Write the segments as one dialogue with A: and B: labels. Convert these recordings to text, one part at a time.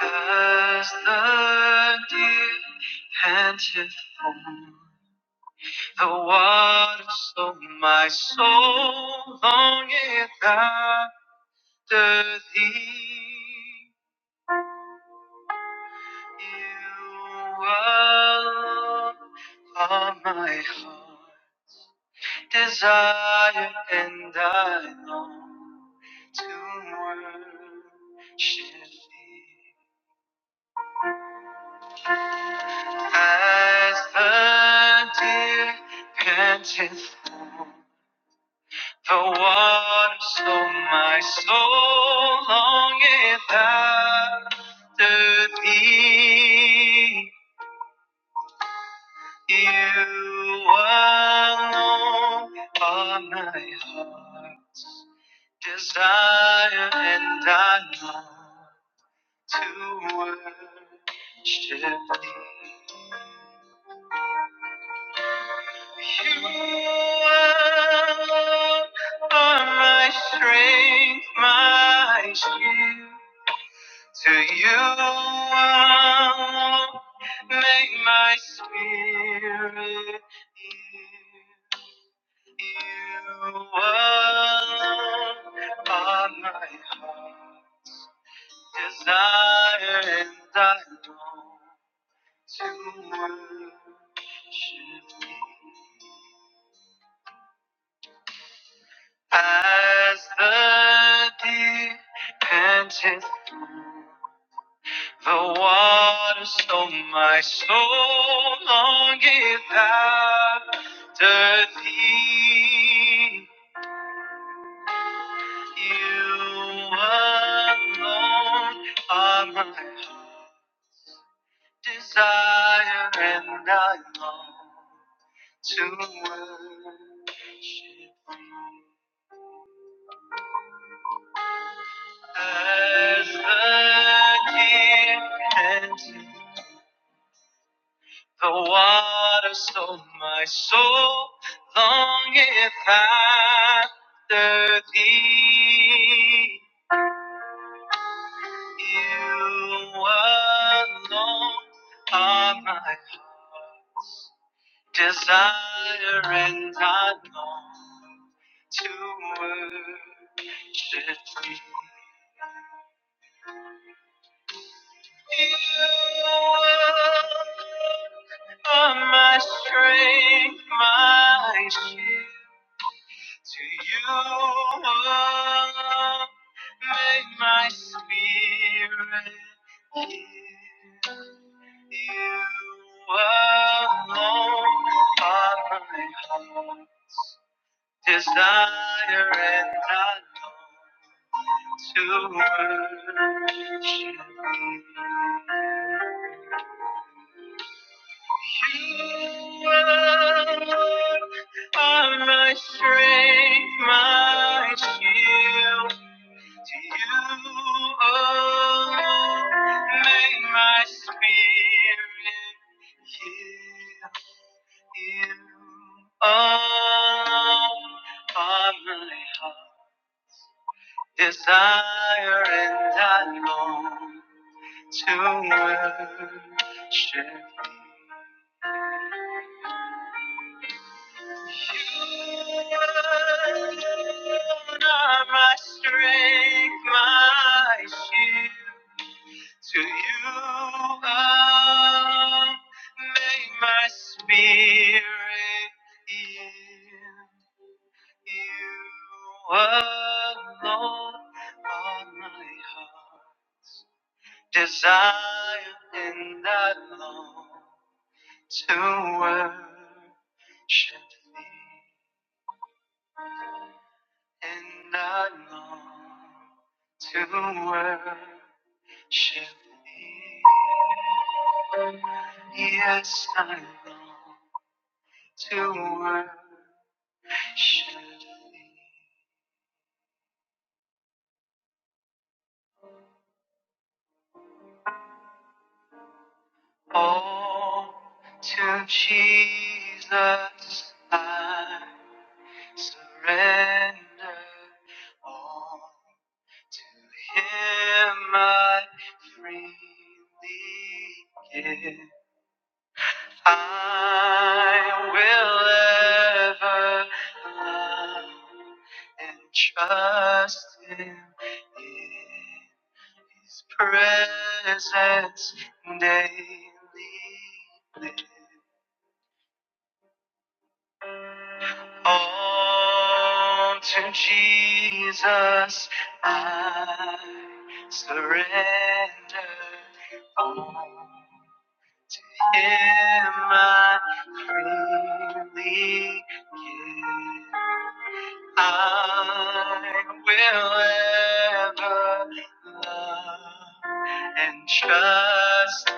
A: As the deer panteth for the water, so my soul longeth after thee. You alone are my heart's desire, and I long to worship thee. As the deer panteth for the water, so my soul longeth after thee. You alone are my heart's desire, and I long to worship thee. You are are my strength, my shield. To you I'll make my spirit yield. You are are my heart's desire, and I long to worship you. As the deer panteth through the water, so my soul longeth after thee. You alone are my desire, and I long to worship thee. As the deer panteth the water, so my soul longeth after thee. You alone are my heart's desire, and I long to worship thee. You are my strength, my shield. To you make my spirit yield. You alone are my hope. Desire and I long to worship you. You are my strength, my shield. To you, oh, may my spirit yield you. Oh, fatherly hearts, desire and I long to worship thee. You are my strength, my shield. To you I make my spirit yield. You alone are my heart's desire, and I long to worship thee and I long to worship thee. Yes, I long to worship thee. Oh, to Jesus I surrender all. To him I freely give. I will ever love and trust him in his presence daily. Live. On to Jesus I surrender. All Him I freely give. I will ever love and trust Him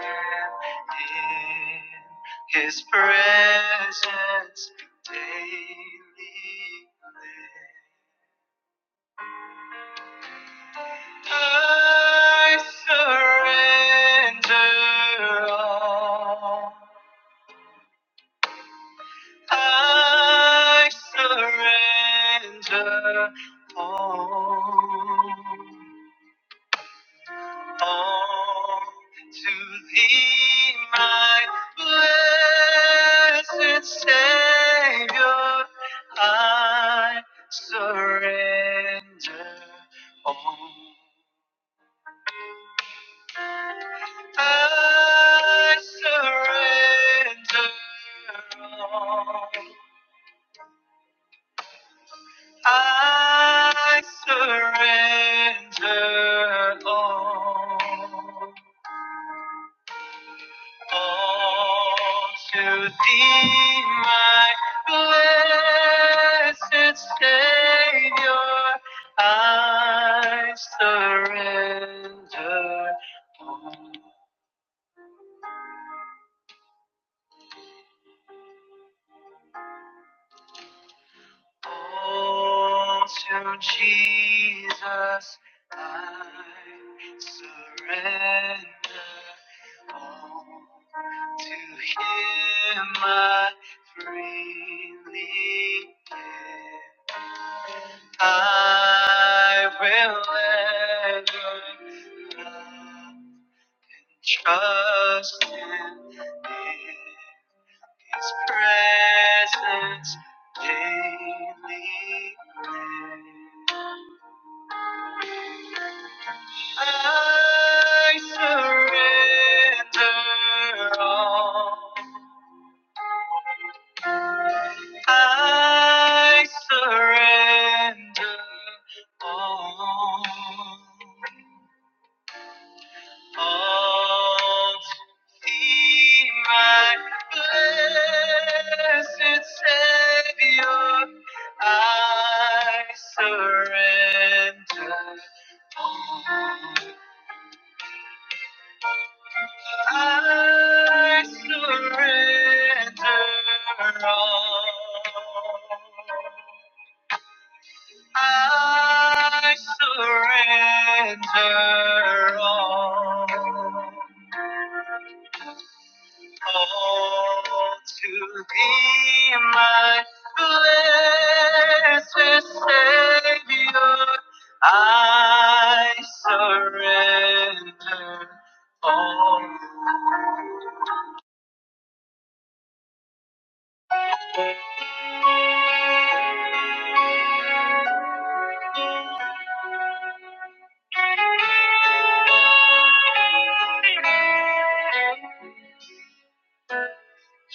A: in His presence daily. live. I surrender all. I surrender all. all to thee, my blessed Savior, I surrender all. I surrender all. I surrender all. All to thee, my blessed Savior, I surrender. All to Jesus, I surrender. All to him I freely give. I will let you love and trust in His presence daily. I surrender all. I surrender all, all to thee, my blessed Savior. I surrender all. I surrender all. I surrender all, all to thee, my blessed Savior. I surrender all.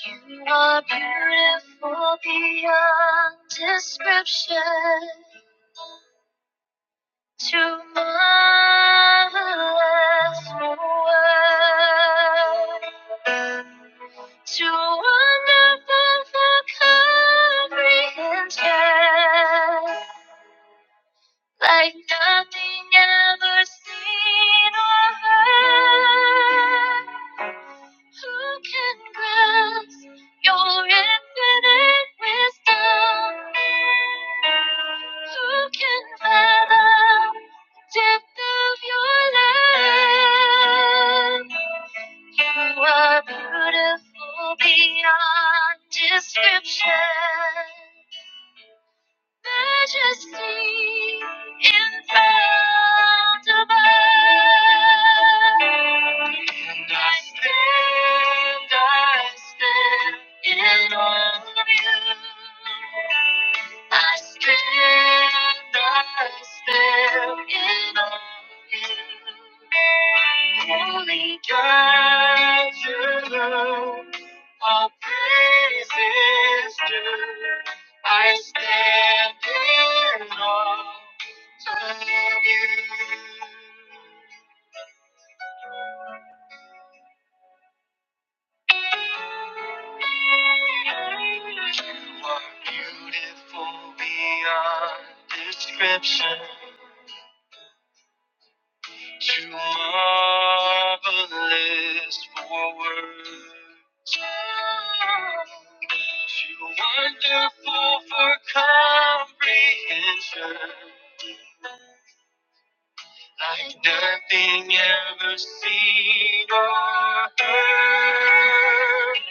A: You are beautiful beyond description. To marvelous world, to wonderful for comprehension, like nothing ever seen or heard. Who can grasp your infinite wisdom? Who can fathom the depth of your love? You are beautiful beyond description majesty invincible. And I stand, I stand in awe of you. I stand, I stand in awe of you. Holy God, you. All praises due. I stand in awe of you. You are beautiful beyond description. Too marvelous for words. Too wonderful for comprehension. like nothing ever seen or heard.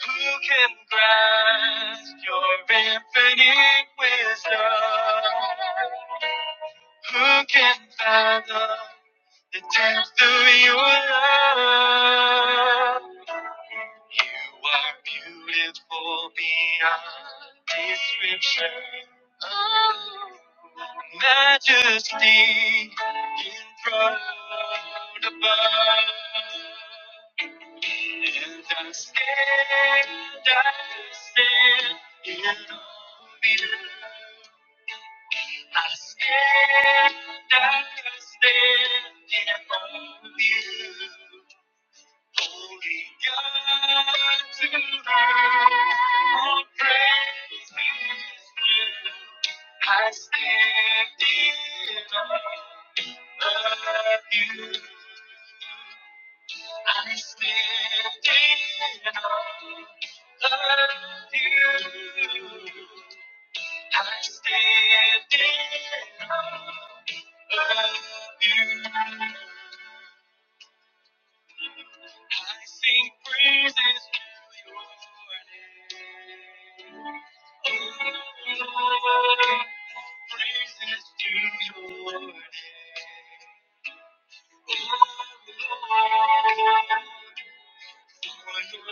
A: Who can grasp your infinite wisdom? Who can fathom the depth of your love? You are beautiful beyond description. Oh. Majesty enthroned above. And I stand, I stand in awe of you. I stand, I stand in awe of you. Only God to know all praise is due. I stand in awe of you. I stand in awe of you. I stand in awe of you. I sing praises to your name. Oh Lord, praises to your name. Lord, for your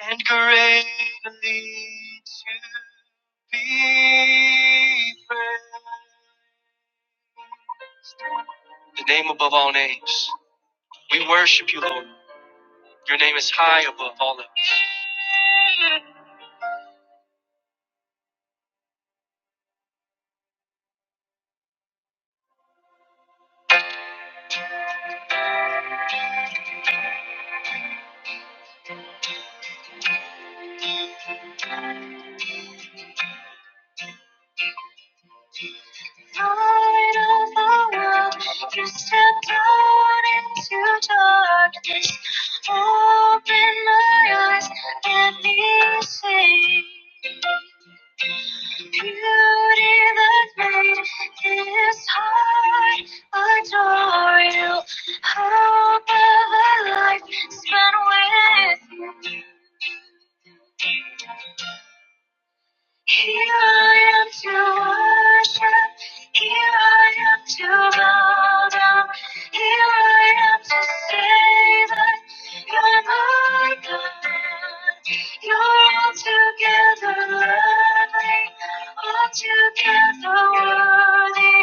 A: Your name. We worship you, Lord. Your name is high above all else. Light of the world, you stepped out into darkness. Open my eyes, let me see. Beauty that made this heart adore you. Hope of a life spent with you. Here I am to worship. Here I am to bow down. Here I am to say that you're my God. You're altogether lovely, altogether worthy,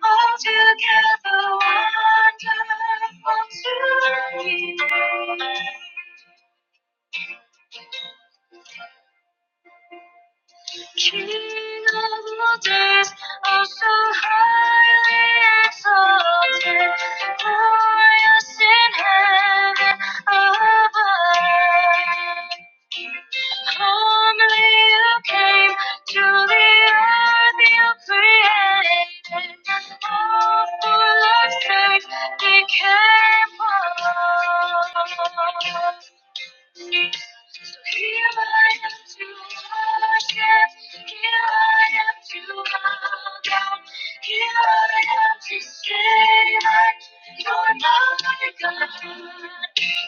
A: altogether wonderful to me. King of all days, oh so highly exalted, glorious in heaven above. Humbly you came to the earth you created. All for love's sake became one. So here I am to worship, here I am to bow down, here I am to say that you're my God.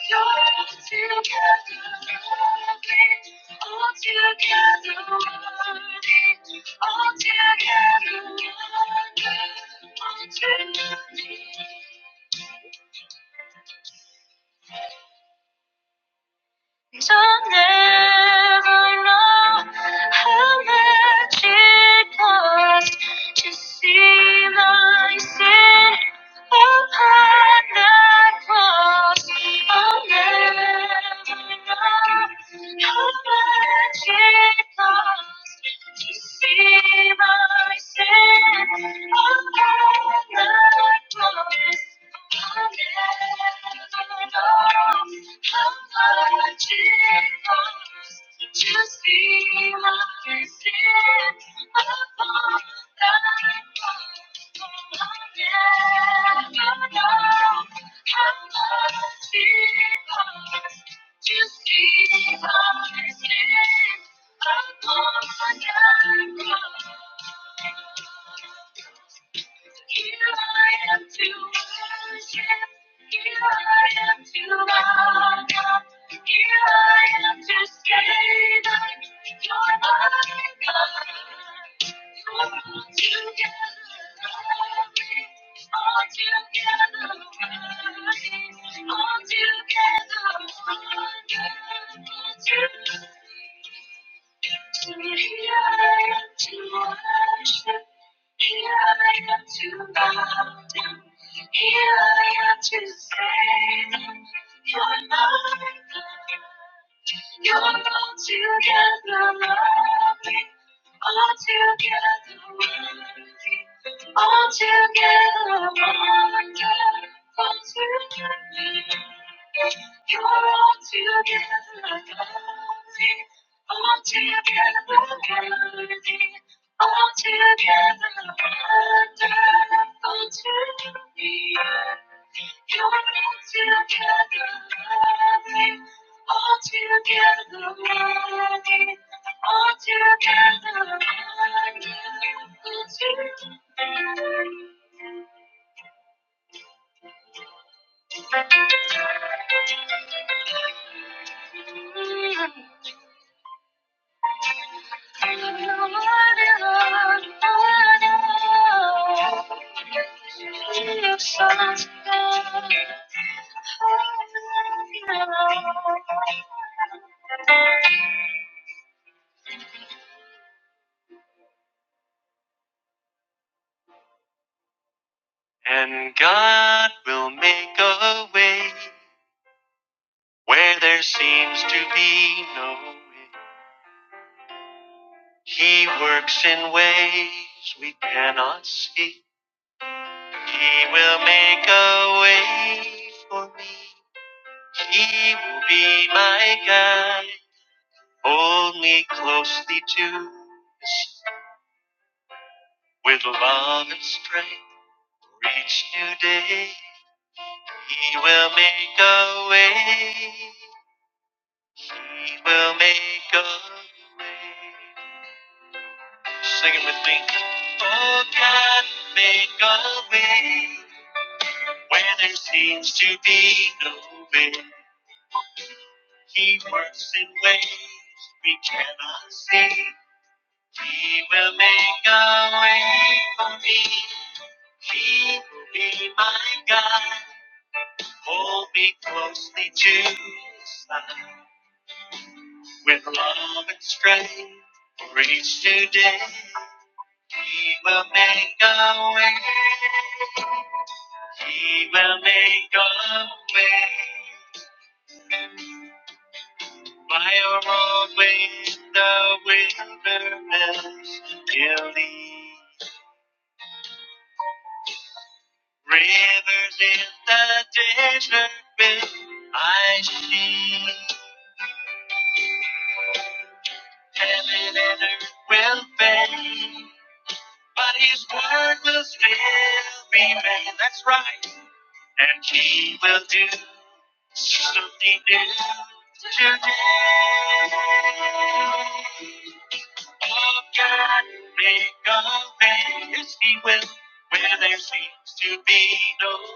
A: You're altogether lovely, altogether worthy, altogether wonderful, altogether. I'll never know how much it cost to see my sin upon the cross. I'll never know how much it cost to see my sin upon the cross. I'll Here I am to worship. Here I am to bow down. Here I am to say that you're my God. You're altogether lovely, altogether worthy, altogether wonderful to me. So here I am to worship, here I am to bow down, here I am to save them. You're my God, you're altogether lovely, altogether worthy, altogether wonderful, altogether. You're all together lovely, all together worthy, all together wonderful to me. You're all together lovely, all together worthy, all together wonderful to me. With love and strength for each today, He will make a way. He will make a way. By a road with the wilderness, you lead rivers in the desert. bed. I see heaven and earth will fade, but His word will still remain. That's right, and He will do something new. Oh, God, make a way. Yes, He will, where there seems to be no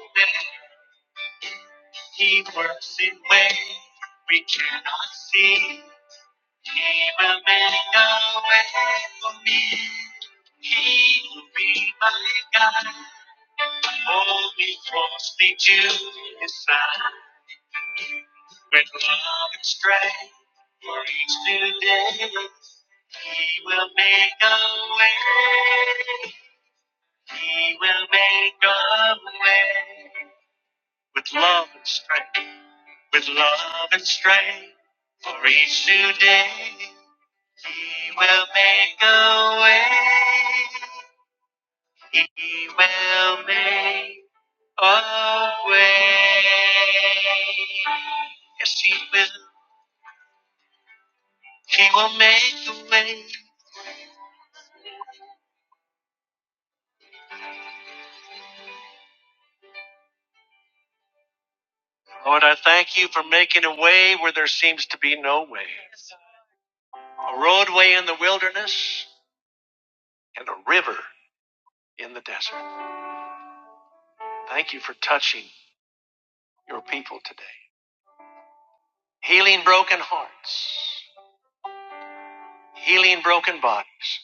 A: healing broken bodies.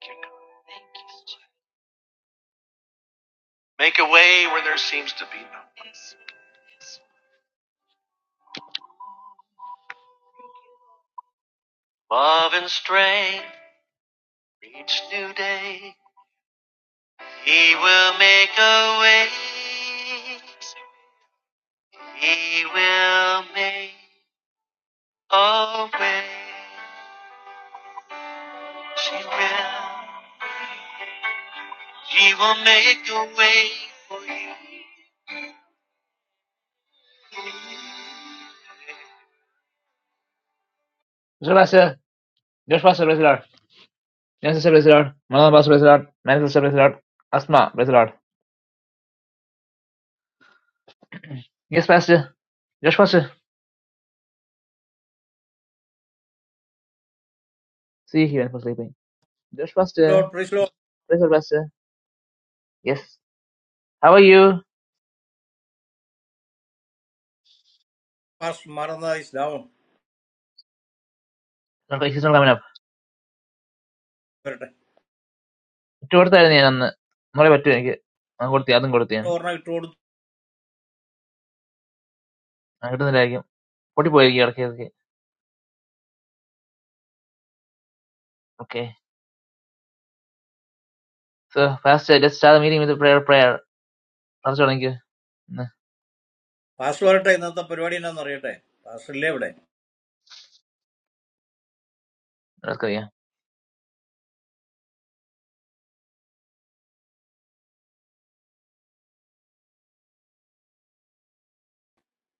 A: Thank you, God. Thank you, Jesus. Make a way where there seems to be no way. Yes, yes. Love and strength each new day. He will make a way. He will make a way. She will. He will make a way. Muchas gracias. Dios va a ser vencedor. Nancy ser vencedor. Manuel va a ser vencedor. Manuel va a ser vencedor. Asma vencedor. Yes, Pastor. Josh Pastor. See you here for sleeping. Josh Pastor.
B: Lord, please Lord,
A: praise bless. Yes, how are you?
B: pass Maranatha is down.
A: Issues coming up
B: What?
A: ഇട്ട് കൊടുത്തായിരുന്നു ഞാൻ അന്ന്. മുറി പറ്റും എനിക്ക്. അത് കൊടുത്തി, അതും കൊടുത്തു ഞാൻ.
B: Orna tour
A: അത് കിട്ടുന്നില്ലായിരിക്കും, പൊട്ടിപ്പോയിരിക്കും ഇടയ്ക്ക് ഇടയ്ക്ക്. Okay, so fast just start meeting with prayer. Prayer first തുടങ്ങിക്ക്. ഇന്ന്
B: pass. What? That is that the preparation is done. What? Pass level.
A: ഇടക്കറിയാം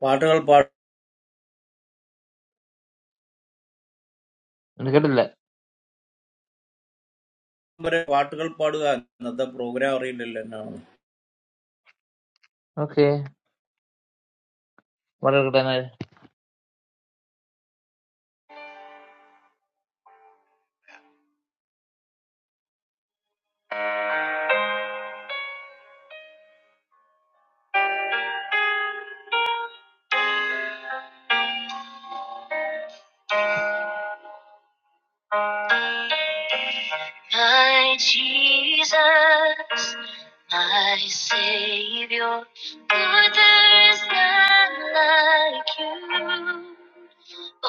B: Vertical part.
A: ഇന്ന് കേട്ടില്ല.
B: There vertical part. That the program is not there.
A: Okay, വളരെ കിട്ടാനായി. My Jesus, my Savior, for there is none like you.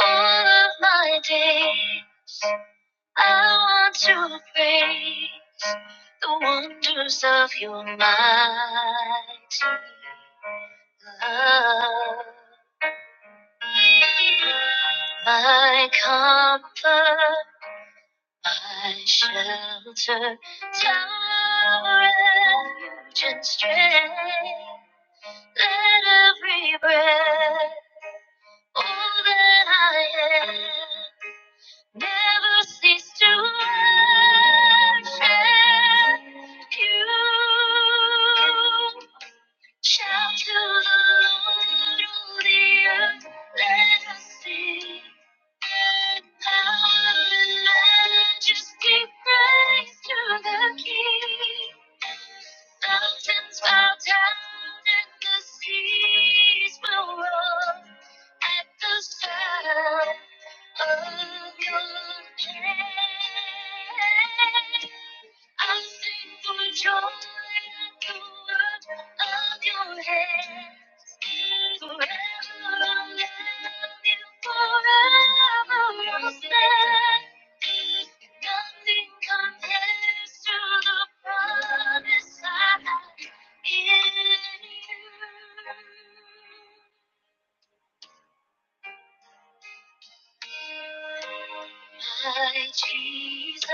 A: All of my days I want to praise the wonders of your mighty love. My comfort, my shelter, tower, of refuge and strength. Let every breath, all that I am, never cease to worship you. Shout to the Lord, all the earth, let us sing. Power and majesty, praise to the King. Mountains bow down and the seas will roar at the sound of your name. I sing for joy at the word of your hand. Forever I'll love you, forever I'll stand. Nothing compares to the promise I have in you. My Jesus,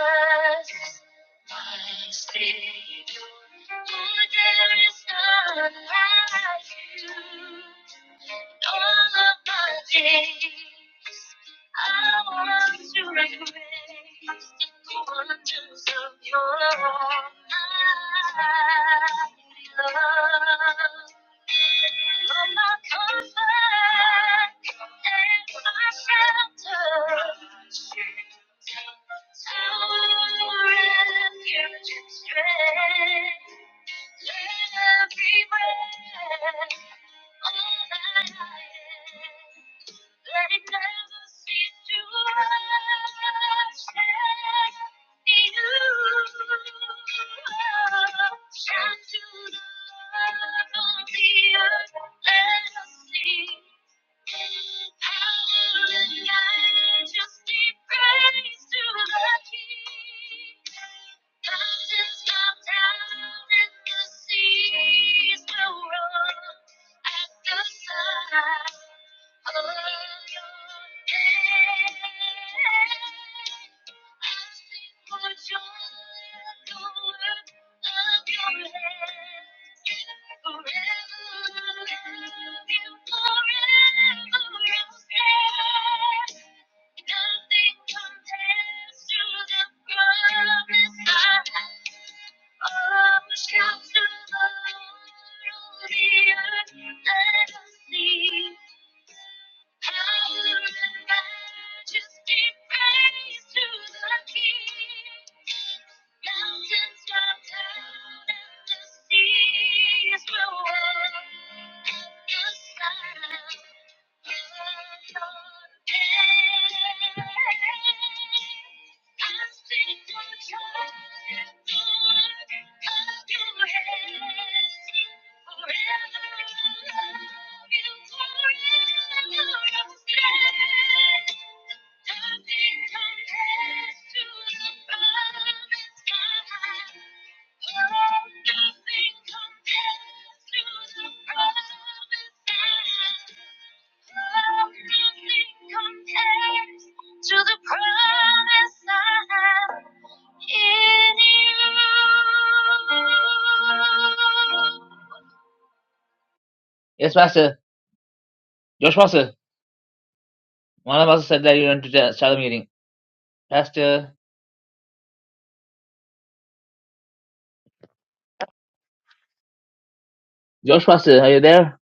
A: my Savior, for there is none like you. In all of my days, I want to embrace the wonders of your love. I love. You're my comfort and my shelter, to refuge and strength. Let every breath, all that I am. They never cease to worship you. Shout to the Lord of the earth, let us sing. Mountains come down and the seas will roar at the sight of your name. I sing for joy at the work of your hands. Forever love you, forever I'll stand. Nothing compares to the promise I have. Thank you. Yes, Pastor. Josh Pastor. One of us said that you want to ta- start the meeting. Pastor. Josh Pastor, are you there?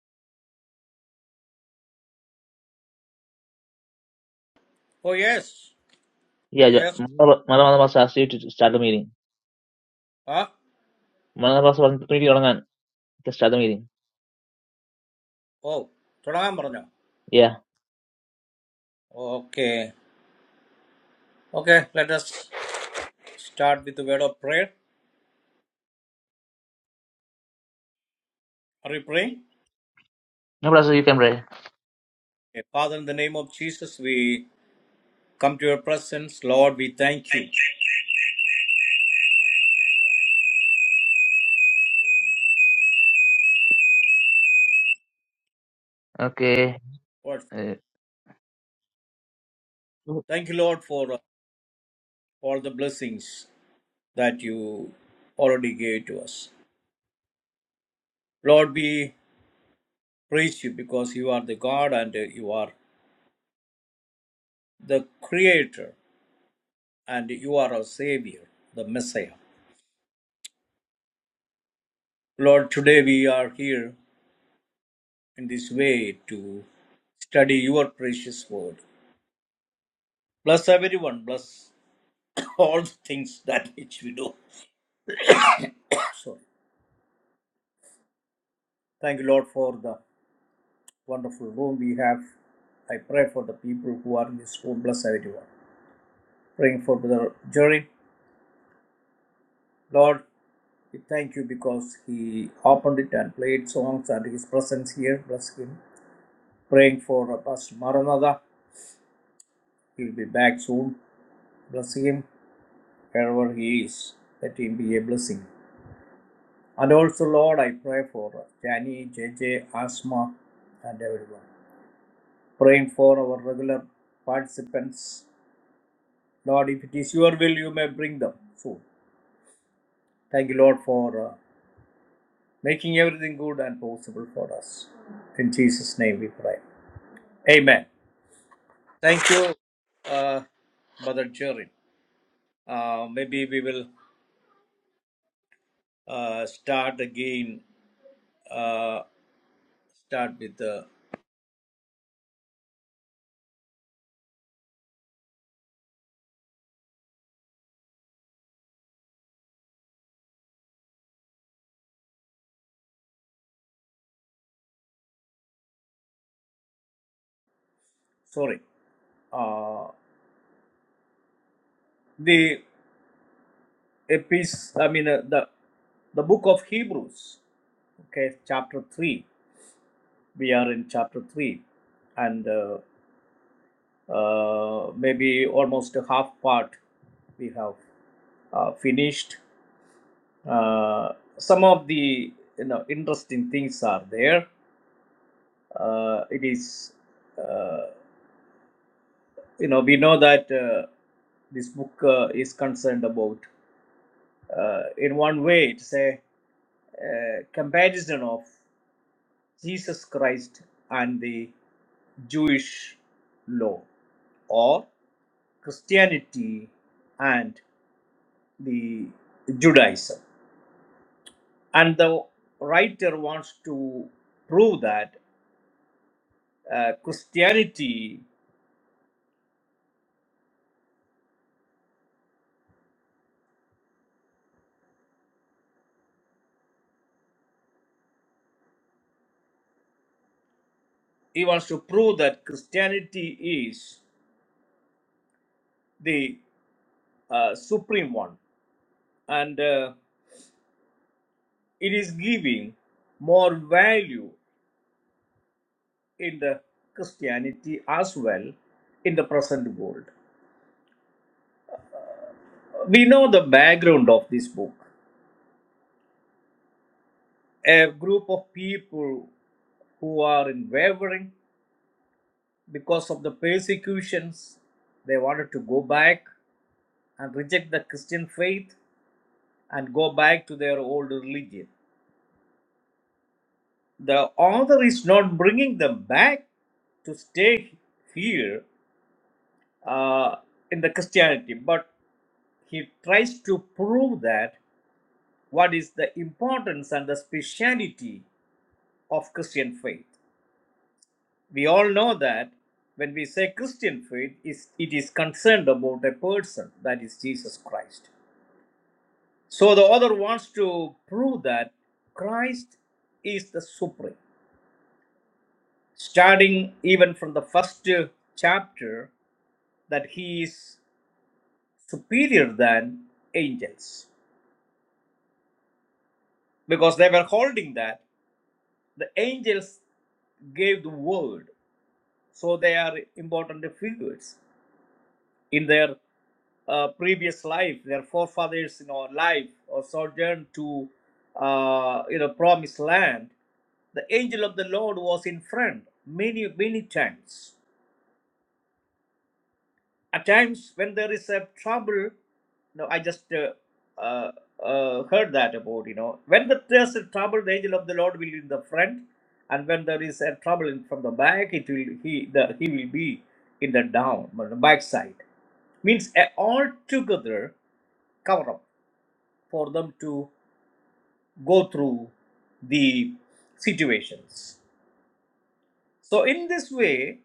B: Oh yes,
A: Yeah, Jo-
B: yes.
A: one of one of us asked you to start the meeting.
B: Ah.
A: One of us was opportunity to start the meeting.
B: Oh. What?
A: Yeah.
B: Okay. Okay. Let us start with the word of prayer. Are we praying?
A: No problem, sir. You can pray.
B: Okay. Father, in the name of Jesus, we come to your presence, Lord. We thank you.
A: Okay.
B: Lord,
A: Uh,
B: Thank you, Lord, for all the blessings. that you already gave to us. Lord, we praise you because you are the God and you are the Creator and you are our Savior, the Messiah. Lord, today we are here in this way to study your precious word. Bless everyone, bless all the things that which we do. Sorry. Thank you, Lord, for the wonderful room we have. I pray for the people who are in this room. Bless everyone. Praying for Brother Jerry. Lord, We thank you because he opened it and played songs and his presence here. Bless him. Praying for uh, Pastor Maranatha. He'll be back soon. Bless him wherever he is. Let him be a blessing. And also, Lord, I pray for uh, Jani, JJ, Asma, and everyone. Praying for our regular participants. Lord, if it is your will, you may bring them soon. Thank you, Lord, for uh, making everything good and possible for us. In Jesus' name we pray. Amen. Thank you, uh, Brother Jerry. Uh, maybe we will uh, start again. Uh, start with the sorry. Uh, the epis. I mean uh, the the book of Hebrews. Okay, chapter three. We are in chapter three, and uh, uh, maybe almost a half part we have uh, finished. Uh, some of the you know interesting things are there Uh, it is, uh, you know, we know that uh, this book uh, is concerned about. Uh, in one way, it's a, uh comparison of Jesus Christ and the Jewish law or Christianity and the Judaism. And the writer wants to prove that uh, Christianity, he wants to prove that Christianity is the uh, supreme one, and uh, it is giving more value in the Christianity as well in the present world. We know the background of this book. A group of people who are in wavering because of the persecutions, they wanted to go back and reject the Christian faith and go back to their old religion. The author is not bringing them back to stay here uh, in the Christianity, but he tries to prove that what is the importance and the speciality of Christian faith. We all know that when we say Christian faith, is it is concerned about a person that is Jesus Christ. So the author wants to prove that Christ is the supreme, starting even from the first uh, chapter that he is superior than angels because they were holding that. The angels gave the word, so they are important figures in their uh, previous life. Their forefathers, you know, life or sojourn to uh, you know promised land. The angel of the Lord was in front many many times At times, when there is a trouble, no, I just uh, uh, uh, heard that about you know when the, there's a trouble, the angel of the Lord will be in the front, and when there is a trouble in, from the back, it will he the he will be in the down on the back side. Means a altogether cover up for them to go through the situations. So in this way,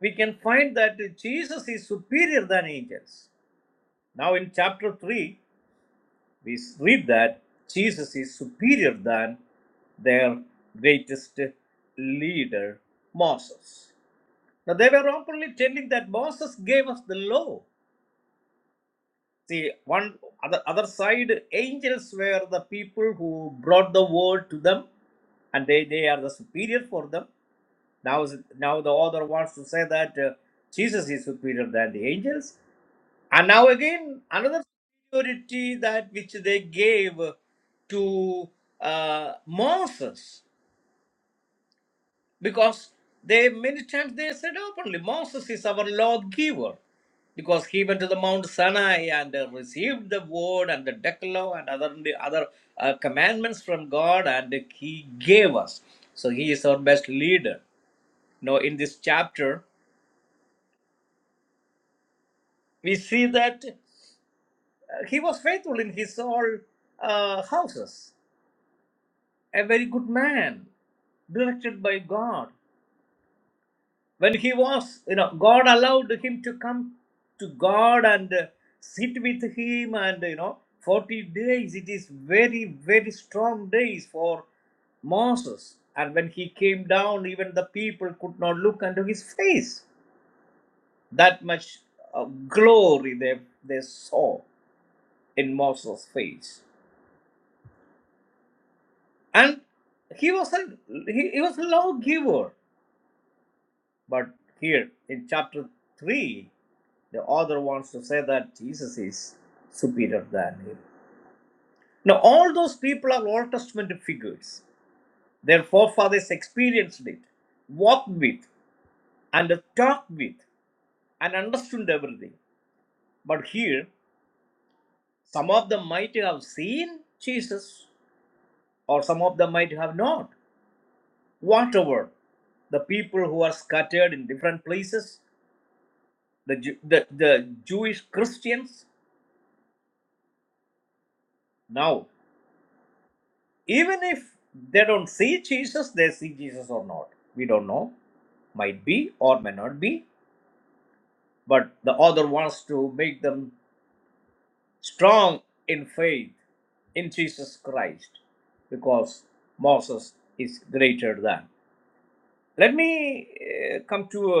B: we can find that Jesus is superior than angels. Now in chapter 3 we read that Jesus is superior than their greatest leader, Moses. Now they were openly telling that Moses gave us the law. See, one other other side, angels were the people who brought the word to them, and they, they are the superior for them. Now, now the author wants to say that uh, Jesus is superior than the angels. And now again, another security that which they gave to uh, Moses, because they many times they said openly, Moses is our lawgiver, because he went to the Mount Sinai and uh, received the word and the Decalogue and other other uh, commandments from God, and he gave us. So he is our best leader. Now in this chapter, we see that uh, he was faithful in his all uh, houses a very good man, directed by God. When he was, you know, God allowed him to come to God and uh, sit with him, and you know, 40 days. It is very, very strong days for Moses. And when he came down, even the people could not look unto his face. That much uh, glory they, they saw in Moses' face. And he was a he, he was a lawgiver. But here in chapter 3, the author wants to say that Jesus is superior than him. Now, all those people are Old Testament figures. Their forefathers experienced it, walked with, and talked with, and understood everything. But here, some of them might have seen Jesus, or some of them might have not. Whatever, the people who are scattered in different places, the, Ju- the, the Jewish Christians, now. even if they don't see Jesus, they see Jesus or not. We don't know. Might be or may not be. But the author wants to make them strong in faith in Jesus Christ because Moses is greater than. Let me uh, come to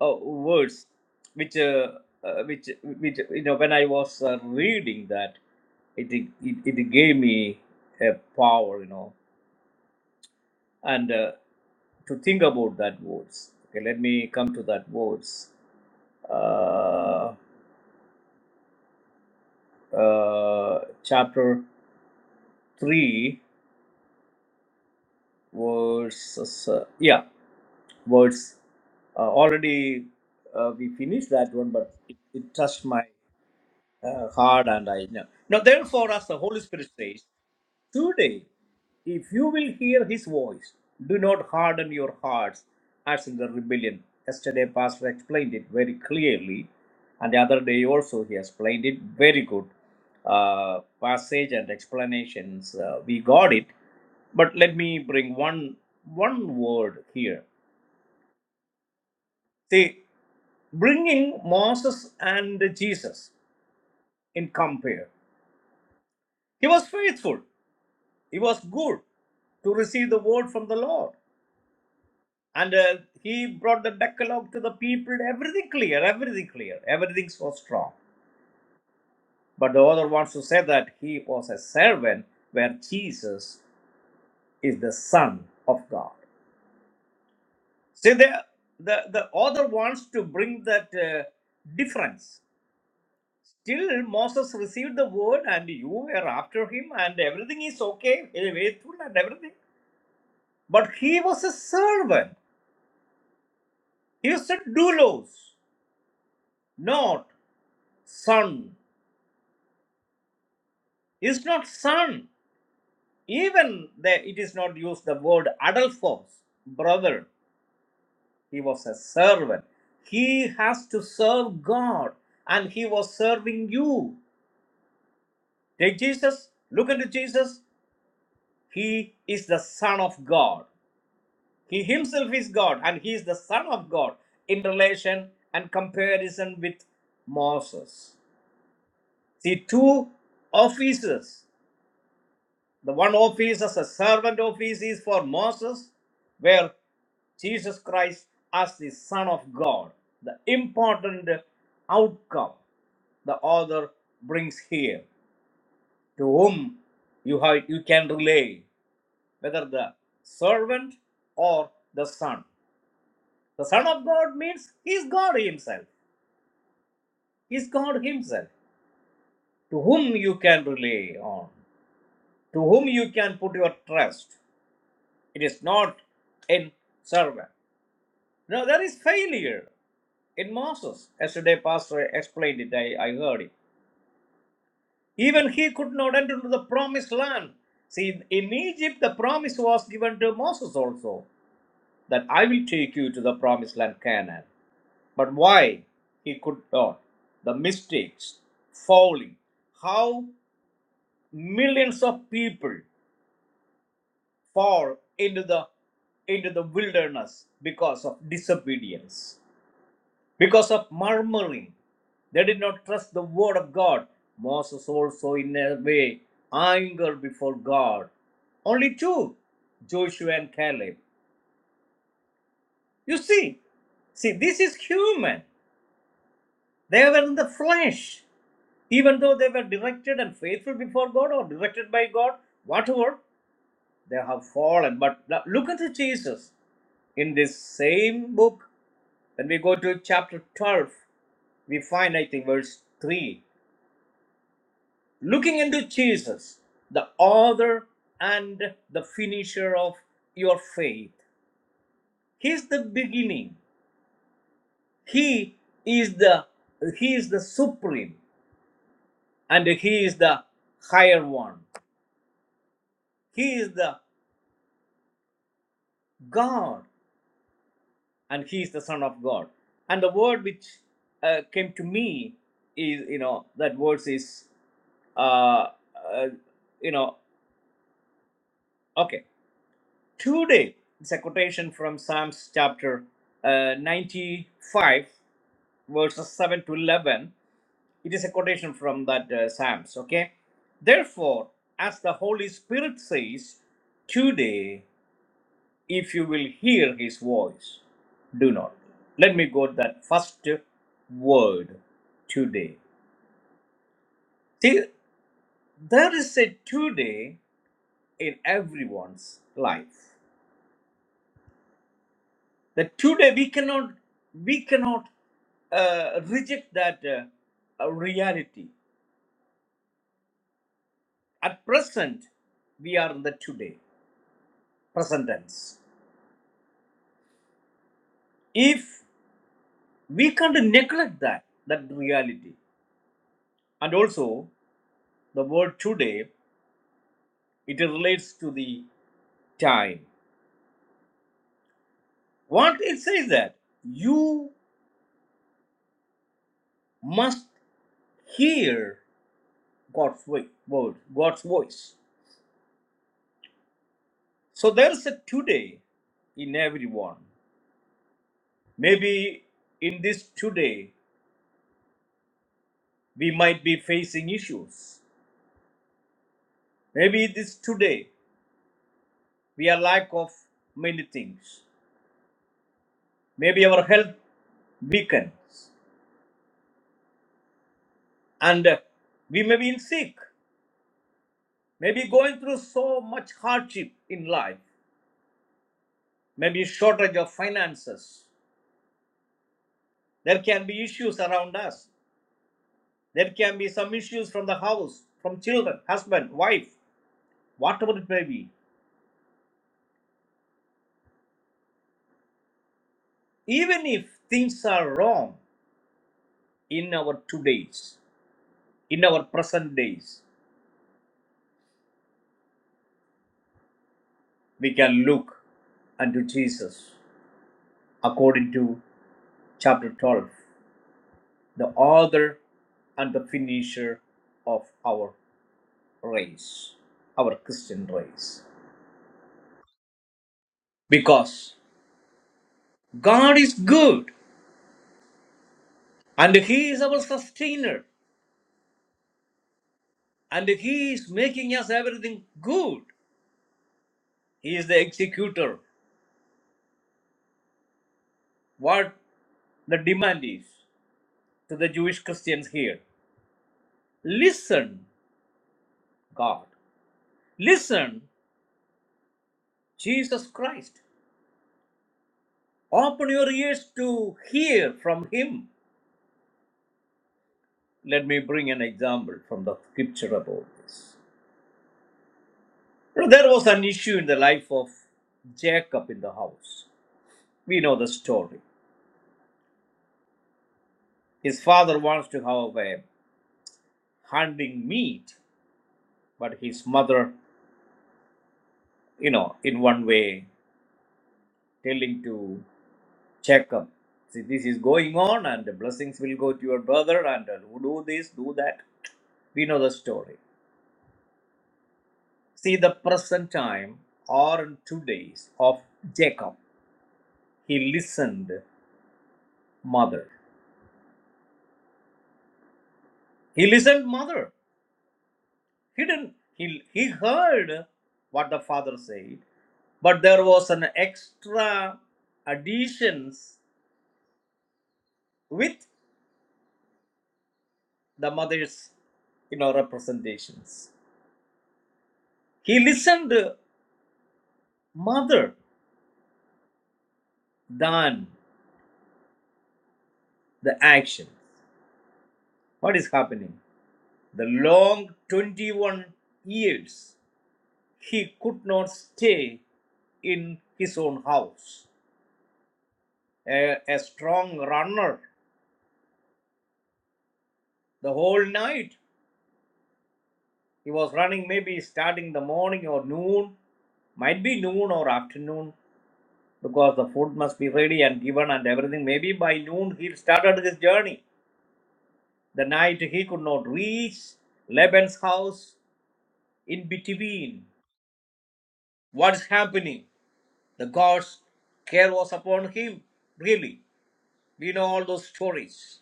B: a, a verse which, uh, uh, which, which, you know, when I was uh, reading that, it, it, it gave me a power, you know. And uh, to think about that words. Okay, let me come to that words. Uh, uh, chapter three, verses. Uh, yeah, words. Uh, already uh, we finished that one, but it, it touched my uh, hard and I know. Now, therefore, as the Holy Spirit says, today, if you will hear His voice, do not harden your hearts as in the rebellion. Yesterday, Pastor explained it very clearly, and the other day also he explained it very good. Uh, passage and explanations, uh, we got it. But let me bring one one word here. See, bringing Moses and Jesus in compare. He was faithful. It was good to receive the word from the Lord. And uh, he brought the Decalogue to the people, everything clear, everything clear, everything so strong. But the other ones who said that he was a servant, where Jesus is the Son of God. See, the, the, the other wants to bring that uh, difference. Still, Moses received the word, and you were after him, and everything is okay, faithful, and everything. But he was a servant, he was a doulos. not son is not son even the, it is not used the word adult forms brother he was a servant he has to serve god and he was serving you take jesus look into jesus he is the son of god he himself is god and he is the son of god in relation and comparison with moses see two offices The one office as a servant office is for Moses, where Jesus Christ as the Son of God, the important outcome the author brings here, to whom you have you can relay, whether the servant or the son. The Son of God means He is God Himself. He is God Himself, to whom you can rely on, to whom you can put your trust. It is not in servant. No, there is failure in Moses. Yesterday, Pastor explained it. I, I heard it. Even he could not enter into the promised land. See, in Egypt, the promise was given to Moses also that I will take you to the promised land, Canaan. But why he could not? The mistakes, falling, how millions of people fall into the into the wilderness because of disobedience Because of murmuring, they did not trust the word of God. Moses also, in a way, angered before God. Only two, Joshua and Caleb. You see, see, this is human. They were in the flesh. Even though they were directed and faithful before God or directed by God, whatever, they have fallen. But look at Jesus. In this same book, when we go to chapter 12, we find, I think, verse 3. looking into Jesus, the author and the finisher of your faith. He is the beginning. He is the he is the supreme and he is the higher one. He is the God and he is the son of God. And the word which uh, came to me is you know that verse is uh, uh, you know okay today it's a quotation from psalms chapter uh, 95 verses 7 to 11 it is a quotation from that uh, psalms okay therefore as the holy spirit says today if you will hear his voice do not let me go to that first word today see there is a today in everyone's life that today we cannot we cannot uh, reject that uh, uh, reality at present we are in the today present tense if we can't neglect that that reality and also the word today it relates to the time what it says that you must hear god's wi- word god's voice so there's a today in everyone Maybe in this today we might be facing issues. Maybe this today we are lack of many things. Maybe our health weakens and uh, we may be in sick. Maybe going through so much hardship in life. Maybe shortage of finances. There can be issues around us. There can be some issues from the house, from children, husband, wife, whatever it may be. Even if things are wrong in our todays, In our present days, we can look unto Jesus according to chapter 12, the author and the finisher of our race, our Christian race. Because God is good and He is our sustainer and He is making us everything good. He is the executor. What the demand is to the Jewish Christians here listen, God, listen, Jesus Christ. Open your ears to hear from him. Let me bring an example from the scripture about this. You know, there was an issue in the life of Jacob in the house. We know the story. His father wants to have a hunting meet, but his mother, you know, in one way, telling to Jacob, see, this is going on and the blessings will go to your brother and uh, do this, do that. We know the story. See the present time or in two days of Jacob. He listened, mother. He listened, mother. He didn't. He he heard what the father said, but there was an extra additions with the mother's, you know, representations. He listened, mother, than the action. What is happening? The long 21 years he could not stay in his own house. A, a strong runner the whole night. He was running maybe starting the morning or noon, might be noon or afternoon because the food must be ready and given and everything. Maybe by noon he started his journey. The night he could not reach Laban's house in between. What is happening? The God's care was upon him, really. We know all those stories.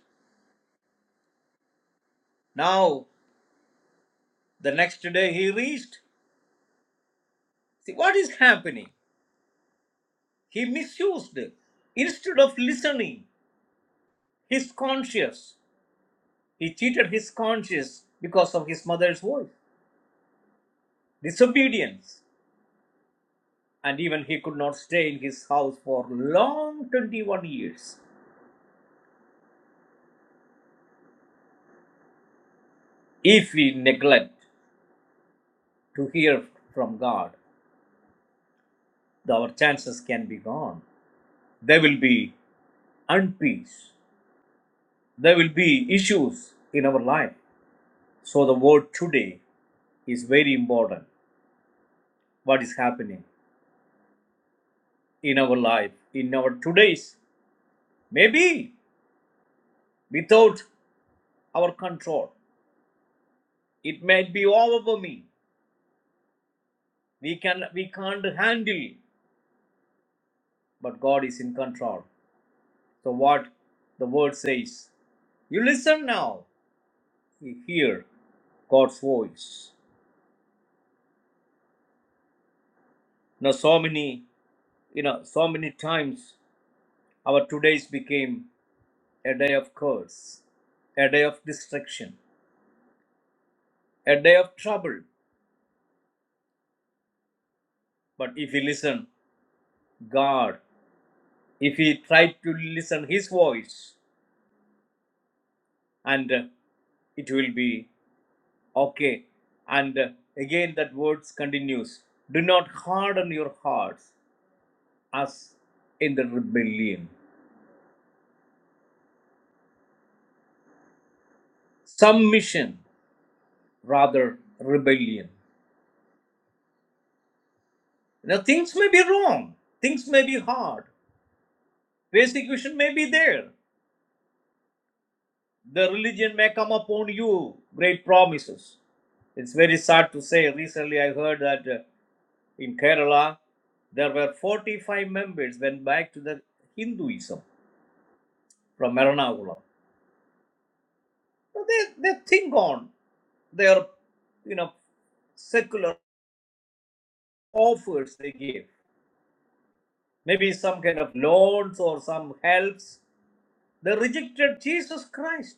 B: Now, the next day he reached. See, what is happening? He misused it. Instead of listening, his conscience, he cheated his conscience because of his mother's voice, disobedience. And even he could not stay in his house for long 21 years. If we neglect to hear from God, our chances can be gone. There will be unpeace. There will be issues in our life. So the word today is very important. What is happening? in our life, in our today's, maybe without our control. It might be overwhelming. We can we can't handle, but God is in control. So what the word says. You listen now. You hear God's voice. Now so many you know so many times our today's became a day of curse, a day of destruction, a day of trouble. But if you listen, God if we try to listen his voice and uh, it will be okay and uh, again that words continues do not harden your hearts as in the rebellion submission rather rebellion now things may be wrong things may be hard persecution may be there the religion may come upon you great promises it's very sad to say recently i heard that uh, in Kerala, there were 45 members went back to the Hinduism from Ernakulam. So they, they think on their, you know, secular offers they give, maybe some kind of loans or some helps. They rejected Jesus Christ.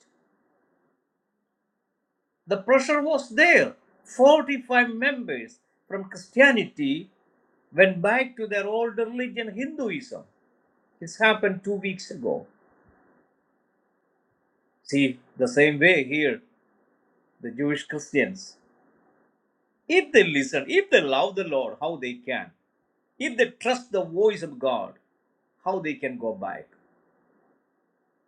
B: The pressure was there. 45 members from Christianity went back to their old religion, Hinduism. This happened two weeks ago. See, the same way here. the Jewish Christians, if they listen, if they love the Lord, how they can, if they trust the voice of God, how they can go back.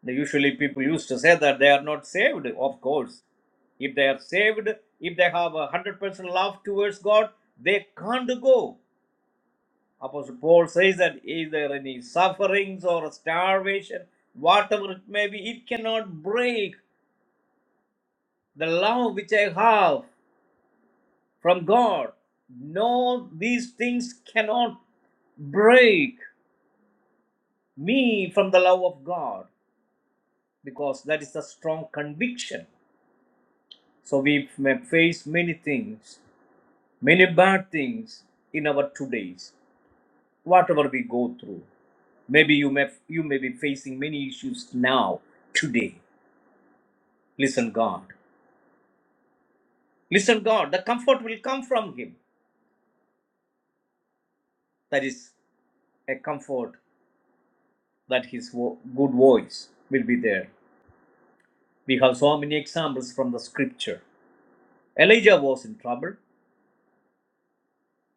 B: Now, usually, people used to say that they are not saved, of course. If they are saved, if they have a 100% love towards God, they can't go. Apostle Paul says that is there any sufferings or starvation, whatever it may be, it cannot break the love which I have from God. No, these things cannot break me from the love of God because that is a strong conviction. So we may face many things, many bad things in our two days. whatever we go through. Maybe you may you may be facing many issues now, today. Listen, God. Listen, God. The comfort will come from Him. That is a comfort that His vo- good voice will be there We have so many examples from the scripture. Elijah was in trouble,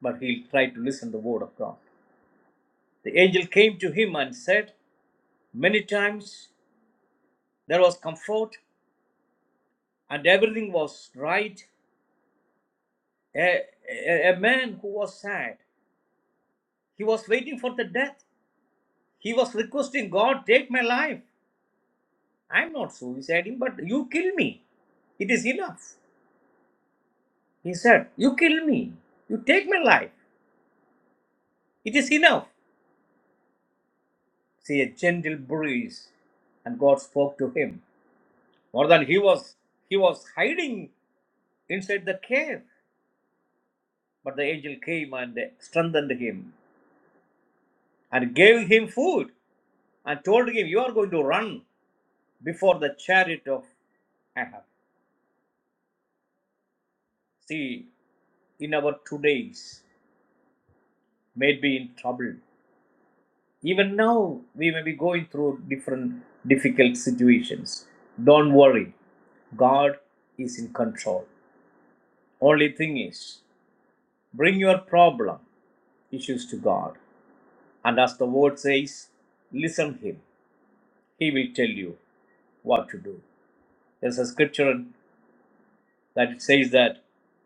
B: but he tried to listen to the word of God. The angel came to him and said, Many times there was comfort and everything was right. A, a, a man who was sad, he was waiting for the death. He was requesting God, take my life. I'm not suiciding, but you kill me. It is enough. He said, You kill me. You take my life. It is enough. See a gentle breeze. And God spoke to him. More than he was he was hiding inside the cave. But the angel came and strengthened him and gave him food and told him, You are going to run before the chariot of Ahab. See, in our today's may be in trouble. Even now we may be going through different difficult situations. Don't worry. God is in control. Only thing is, bring your problem issues to God. And as the word says, listen him. He will tell you what to do. There's a scripture that it says that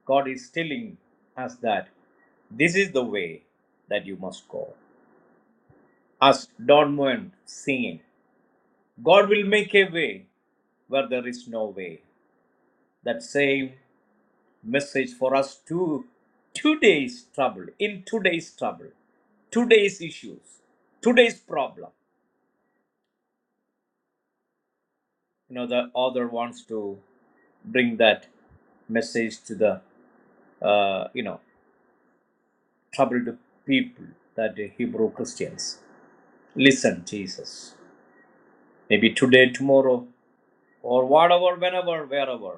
B: God is telling us that this is the way that you must go. As Don Moen singing, God will make a way where there is no way. That same message for us to today's trouble, in today's trouble, today's issues, today's problem. You know, the author wants to bring that message to the uh, you know troubled people that the hebrew christians listen jesus maybe today tomorrow or whatever whenever wherever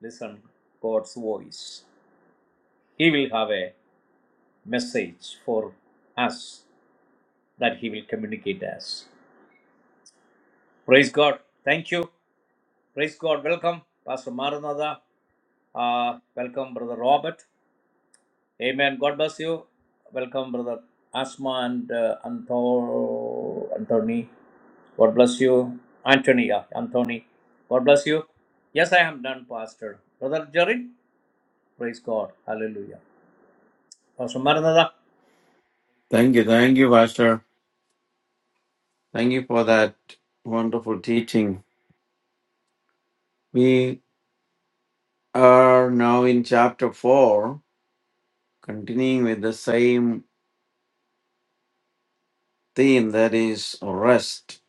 B: listen god's voice he will have a message for us that he will communicate us praise god thank you praise god welcome pastor maranatha uh, welcome brother robert Amen. God bless you. Welcome, brother Asma and uh, Anto- Anthony. God bless you. Anthony, yeah, Anthony. God bless you. Yes, I am done, Pastor. Brother Jerry, praise God. Hallelujah. Pastor Maranatha.
C: Thank you, thank you, Pastor. Thank you for that wonderful teaching. We are now in chapter 4, continuing with the same theme that is rest.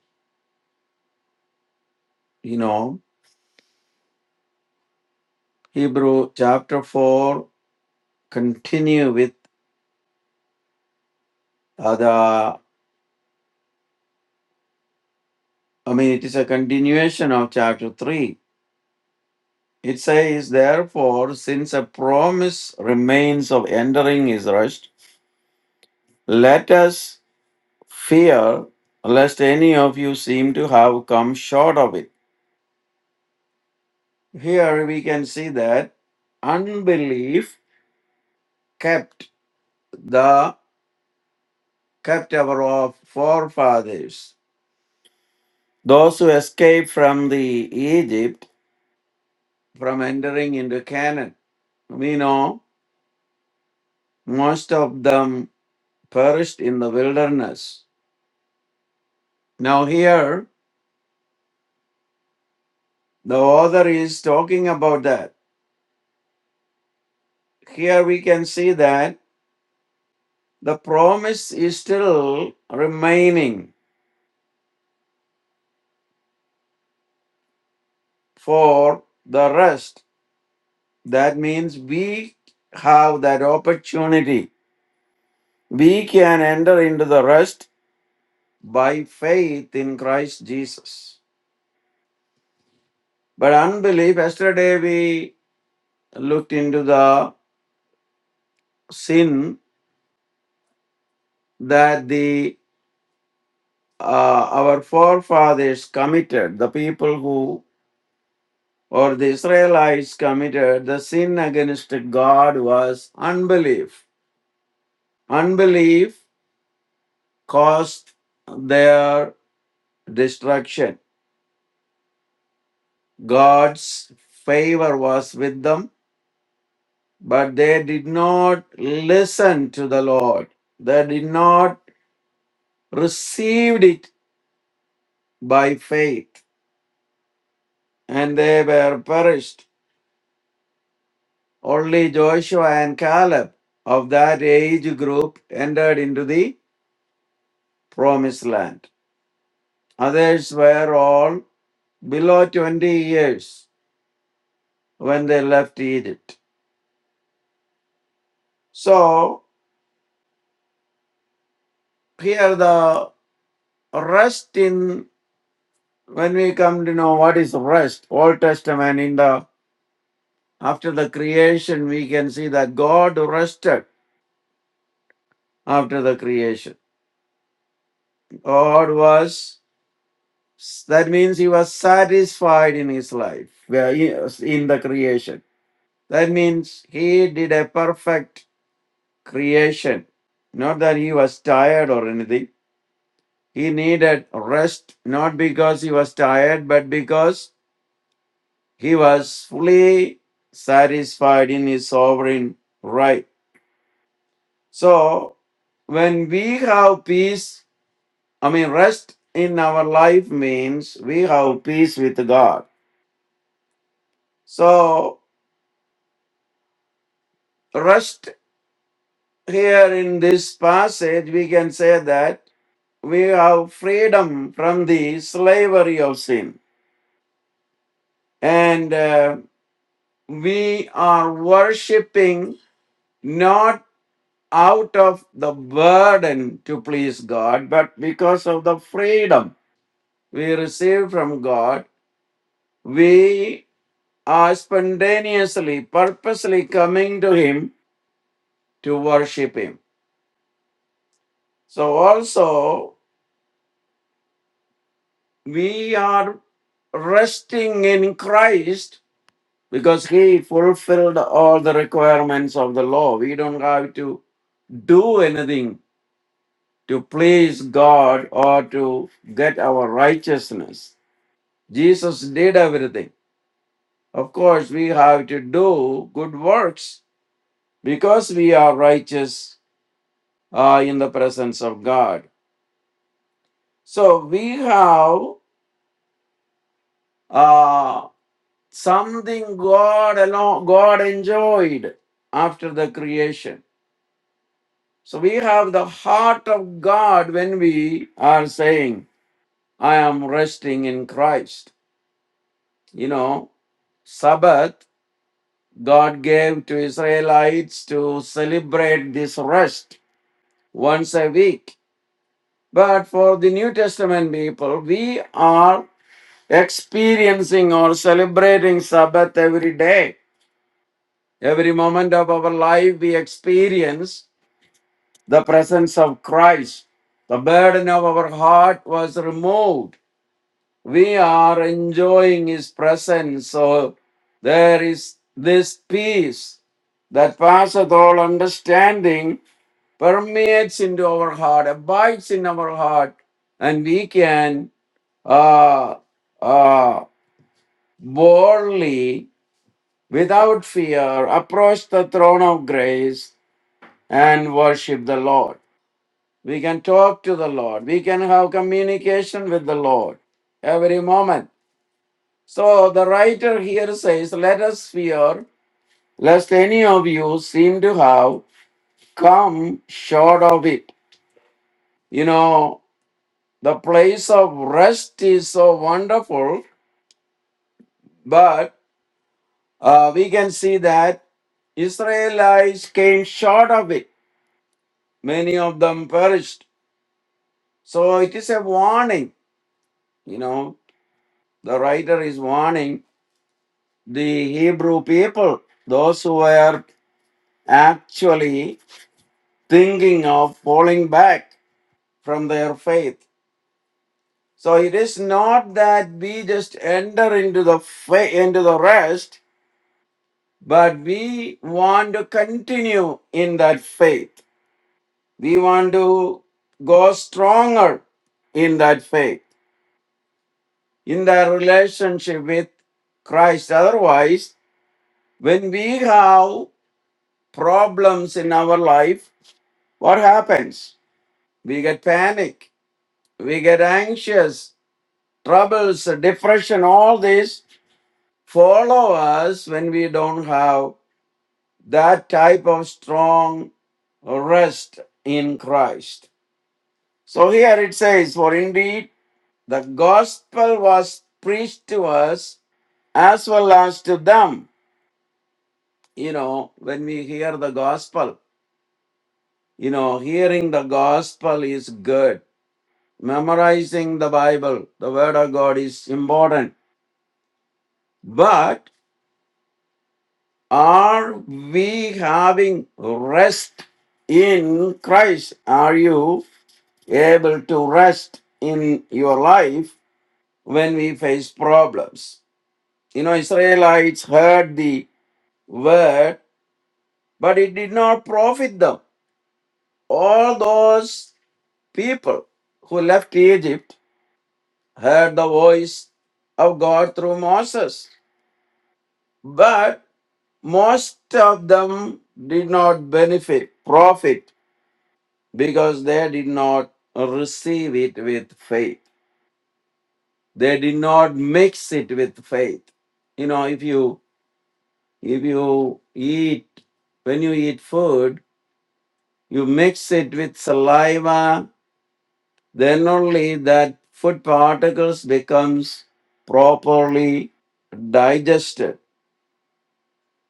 C: You know, Hebrew chapter 4 continue with uh, the, I mean, it is a continuation of chapter 3. It says, Therefore, since a promise remains of entering his rest, let us fear lest any of you seem to have come short of it. Here we can see that unbelief kept the kept our forefathers, those who escaped from the Egypt from entering into Canaan. We know most of them perished in the wilderness. Now here the author is talking about that. Here we can see that The promise is still remaining for the rest. That means we have that opportunity. We can enter into the rest by faith in Christ Jesus. But unbelief, yesterday we looked into the sin that the uh, our forefathers committed, the people who or the Israelites committed, the sin against God was unbelief Unbelief caused their destruction. God's favor was with them, but they did not listen to the Lord. They did not receive it by faith, and they were perished. Only Joshua and Caleb of that age group entered into the promised land. Others were all below 20 years when they left Egypt. So here the rest in when we come to know what is rest old testament in the after the creation we can see that god rested after the creation god was that means he was satisfied in his life where he- was in the creation that means he did a perfect creation not that he was tired or anything he needed rest not because he was tired but because He was fully satisfied in his sovereign right. So, when we have peace, I mean, rest in our life means we have peace with God. So, rest here in this passage, we can say that we have freedom from the slavery of sin. And uh, we are worshiping not out of the burden to please God, but because of the freedom we receive from God, we are spontaneously, purposely coming to Him to worship Him. So also, we are resting in Christ because He fulfilled all the requirements of the law. We don't have to do anything to please God or to get our righteousness. Jesus did everything. Of course, we have to do good works because we are righteous uh, in the presence of God. So we have uh, something God alone, God enjoyed after the creation. So we have the heart of God when we are saying, "I am resting in Christ." You know, Sabbath God gave to Israelites to celebrate this rest once a week. But for the New Testament people, we are experiencing or celebrating Sabbath every day. Every moment of our life, we experience the presence of Christ. The burden of our heart was removed. We are enjoying His presence. So there is this peace that passeth all understanding permeates into our heart, abides in our heart, and we can uh, uh, boldly, without fear, approach the throne of grace and worship the Lord. We can talk to the Lord. We can have communication with the Lord every moment. So the writer here says, Let us fear lest any of you seem to have come short of it. You know, The place of rest is so wonderful, but uh, we can see that Israelites came short of it. Many of them perished. So it is a warning. You know, the writer is warning the Hebrew people, those who were actually thinking of falling back from their faith. So it is not that we just enter into the fa- into the rest But we want to continue in that faith. We want to go stronger in that faith, in that relationship with Christ. Otherwise, when we have problems in our life, what happens? We get panic, we get anxious, troubles, depression, all this follow us when we don't have that type of strong rest in Christ. So here it says, For indeed the gospel was preached to us as well as to them. You know, when we hear the gospel, you know, hearing the gospel is good. Memorizing the Bible, the Word of God is important. But are we having rest in Christ? Are you? able to rest in your life when we face problems. You know, Israelites heard the word, but it did not profit them. All those people who left Egypt heard the voice of God through Moses, but most of them did not benefit, profit, because they did not receive it with faith. They did not mix it with faith. You know, if you if you eat when you eat food, you mix it with saliva, then only that food particles becomes properly digested.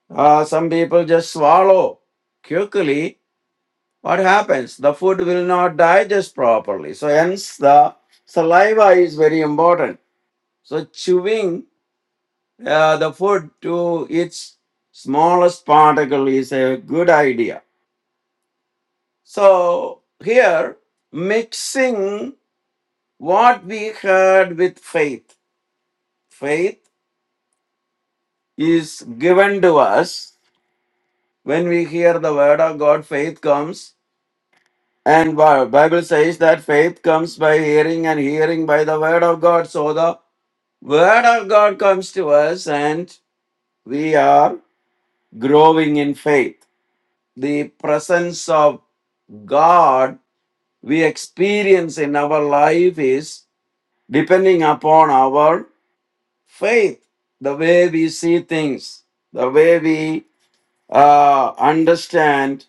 C: Ah, some people just swallow quickly. What happens? The food will not digest properly. So hence the saliva is very important. So chewing uh, the food to its smallest particle is a good idea. So here, mixing what we heard with faith. Faith is given to us when we hear the word of God. Faith comes, and Bi- Bible says that faith comes by hearing, and hearing by the word of God. So the word of God comes to us, and we are growing in faith. The presence of God we experience in our life is depending upon our faith, the way we see things, the way we uh, understand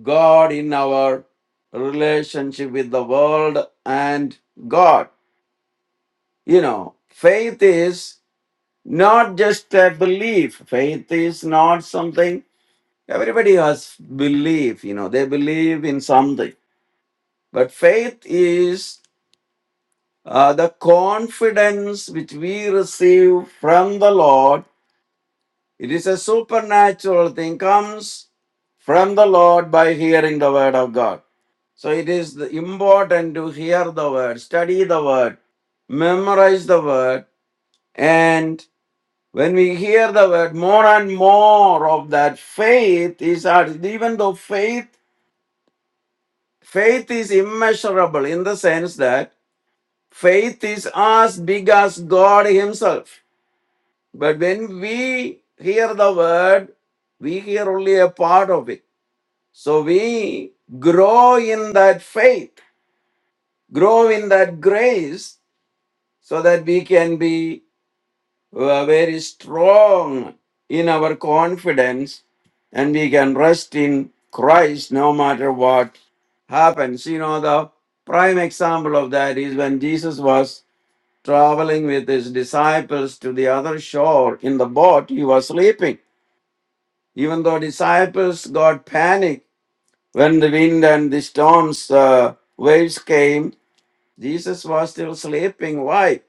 C: God in our relationship with the world and God. You know, faith is not just a belief, faith is not something everybody has belief, you know, they believe in something. But faith is uh, the confidence which we receive from the Lord, it is a supernatural thing, comes from the Lord by hearing the word of God. So it is important to hear the word, study the word, memorize the word, and when we hear the word, more and more of that faith is added. Even though faith, faith is immeasurable in the sense that faith is as big as God Himself But when we hear the word, we hear only a part of it. So we grow in that faith, grow in that grace, so that we can be uh, very strong in our confidence and we can rest in Christ no matter what happens. You know, the prime example of that is when Jesus was traveling with his disciples to the other shore in the boat, he was sleeping. Even though disciples got panic when the wind and the storms, uh, waves came, Jesus was still sleeping. Why?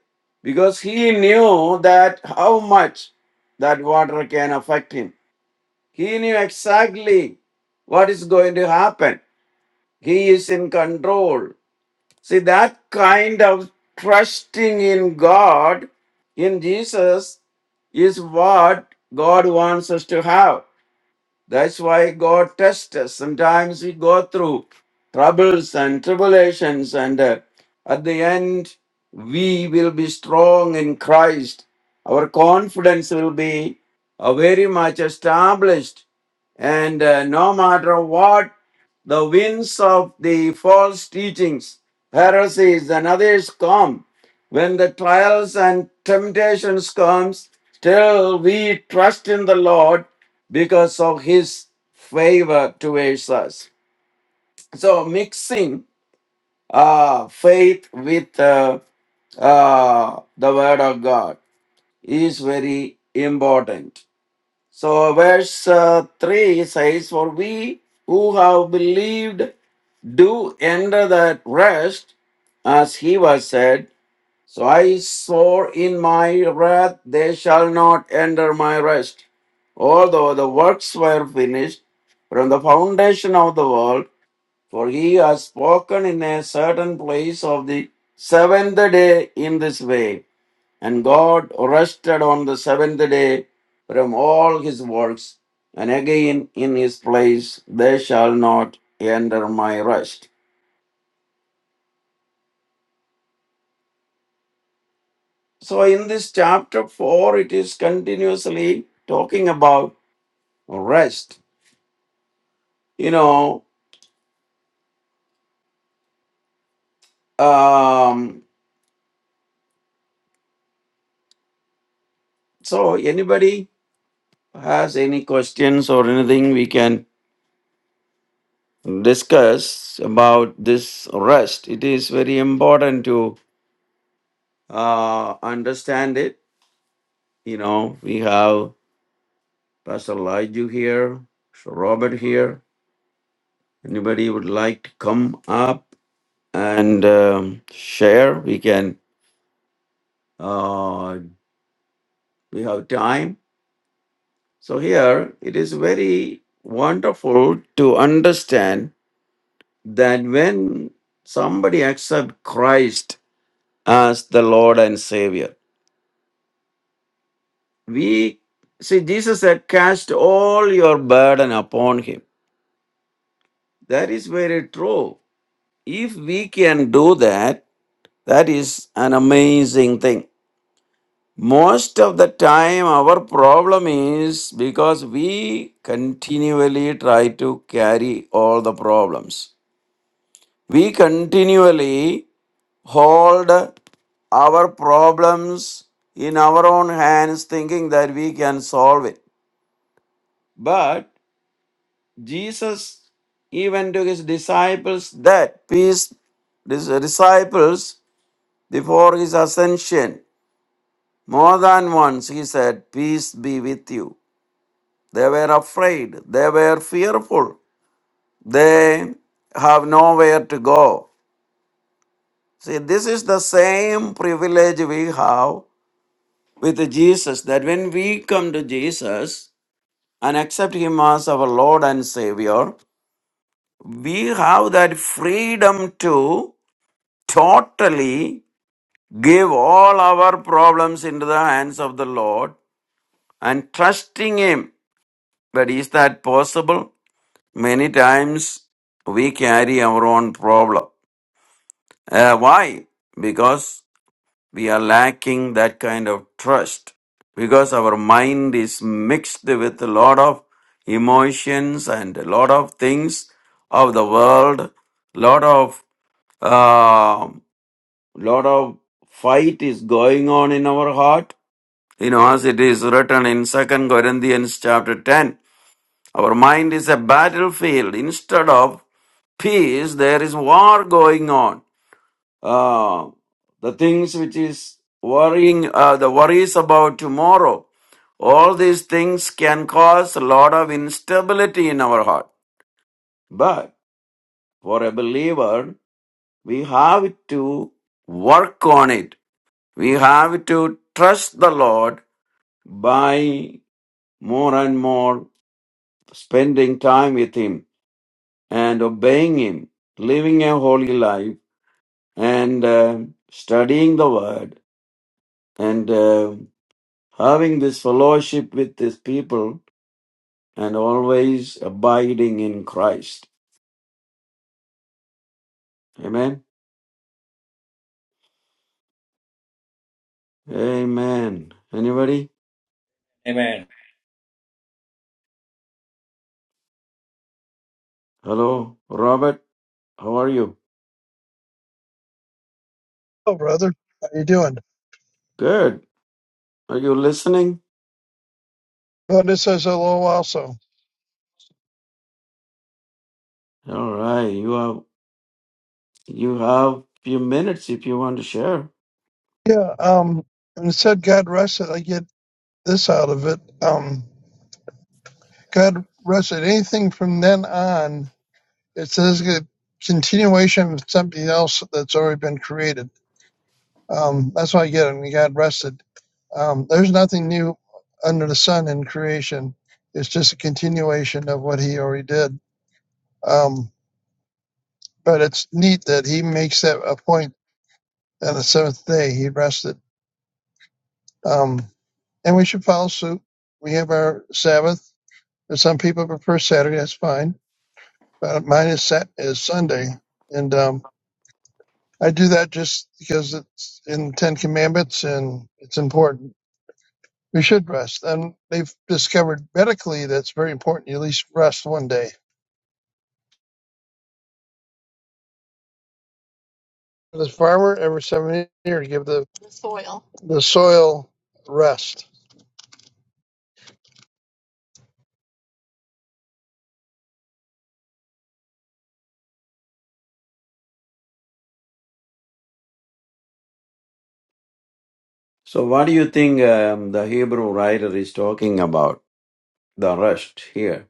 C: Because he knew that how much that water can affect him. He knew exactly what is going to happen. He is in control. See, that kind of trusting in God, in Jesus, is what God wants us to have. That's why God tests us. Sometimes we go through troubles and tribulations, and uh, at the end, we will be strong in Christ. Our confidence will be uh, very much established, and uh, no matter what the winds of the false teachings, heresies, and others come, when the trials and temptations comes, still we trust in the Lord because of his favor towards us. So mixing uh, faith with uh, uh, the word of God is very important. So verse uh, 3 says, For we who have believed do enter that rest, as he was said so I swore in my wrath, they shall not enter my rest. Although the works were finished from the foundation of the world, for he has spoken in a certain place of the seventh day in this way. And God rested on the seventh day from all his works, and again in his place they shall not enter my rest. So in this chapter 4, it is continuously talking about or rest. You know, um, so anybody has any questions or anything we can discuss about this rest? It is very important to uh, understand it. You know, we have Pastor Laju here, Sir Robert here. Anybody would like to come up and um, share? We can. Uh, we have time So here it is very wonderful to understand that when somebody accepts Christ as the Lord and Savior, we see Jesus said, Cast all your burden upon him. That is very true. If we can do that, that is an amazing thing. Most of the time, our problem is because we continually try to carry all the problems we continually hold our problems in our own hands thinking that we can solve it but jesus even to his disciples that peace his disciples before his ascension more than once he said peace be with you they were afraid they were fearful they have nowhere to go see this is the same privilege we have with Jesus that when we come to Jesus and accept Him as our Lord and Savior, we have that freedom to totally give all our problems into the hands of the Lord and trusting Him. But is that possible? Many times we carry our own problem. Uh, why? Because we are lacking that kind of trust because our mind is mixed with a lot of emotions and a lot of things of the world lot of uh, lot of fight is going on in our heart you know as it is written in second corinthians chapter 10 our mind is a battlefield instead of peace there is war going on uh, the things which is worrying, uh, the worries about tomorrow, all these things can cause a lot of instability in our heart. But for a believer, we have to work on it. We have to trust the Lord by more and more spending time with Him and obeying Him, living a holy life and uh, studying the Word and uh, having this fellowship with his people and always abiding in Christ. Amen. Amen. Anybody?
B: Amen.
C: Hello, Robert. How are you?
D: Hello, brother. How you doing?
C: Good. Are you listening?
D: Vonda says hello also.
C: All right. You have you have few minutes if you want to share.
D: Yeah, um, and it said God rested. I get this out of it. Um, God rested. Anything from then on, it says a continuation of something else that's already been created. Um, that's why I get it. when God rested. Um, there's nothing new under the sun in creation. It's just a continuation of what he already did. Um, but it's neat that he makes that a point on the seventh day he rested. Um, and we should follow suit. We have our Sabbath. And some people prefer Saturday. That's fine. But mine is Sat is Sunday, and um, I do that just because it's in the Ten Commandments and it's important. We should rest, and they've discovered medically that's very important. You at least rest one day. For the farmer, every seven years, give the the soil rest.
C: So, what do you think um, the Hebrew writer is talking about? The rest here,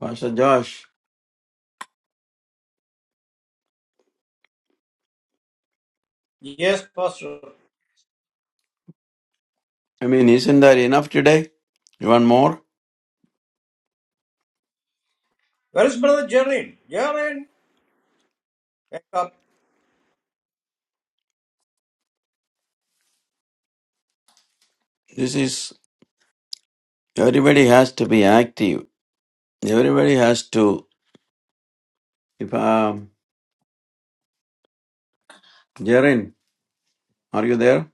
C: Pastor Josh.
B: Yes, Pastor.
C: I mean, isn't that enough today? You want more?
B: Where is Brother Jerin? Jerin, wake up.
C: This is everybody has to be active Everybody has to. If um, Jaren, are you there?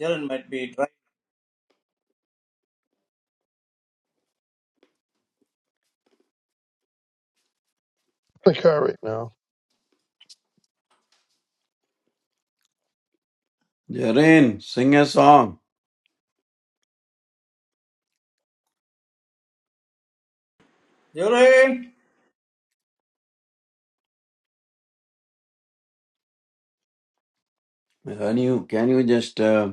B: Jerry might be dry.
D: The car right now.
C: Jaren, sing a song.
B: Jerin,
C: Can you can you just uh,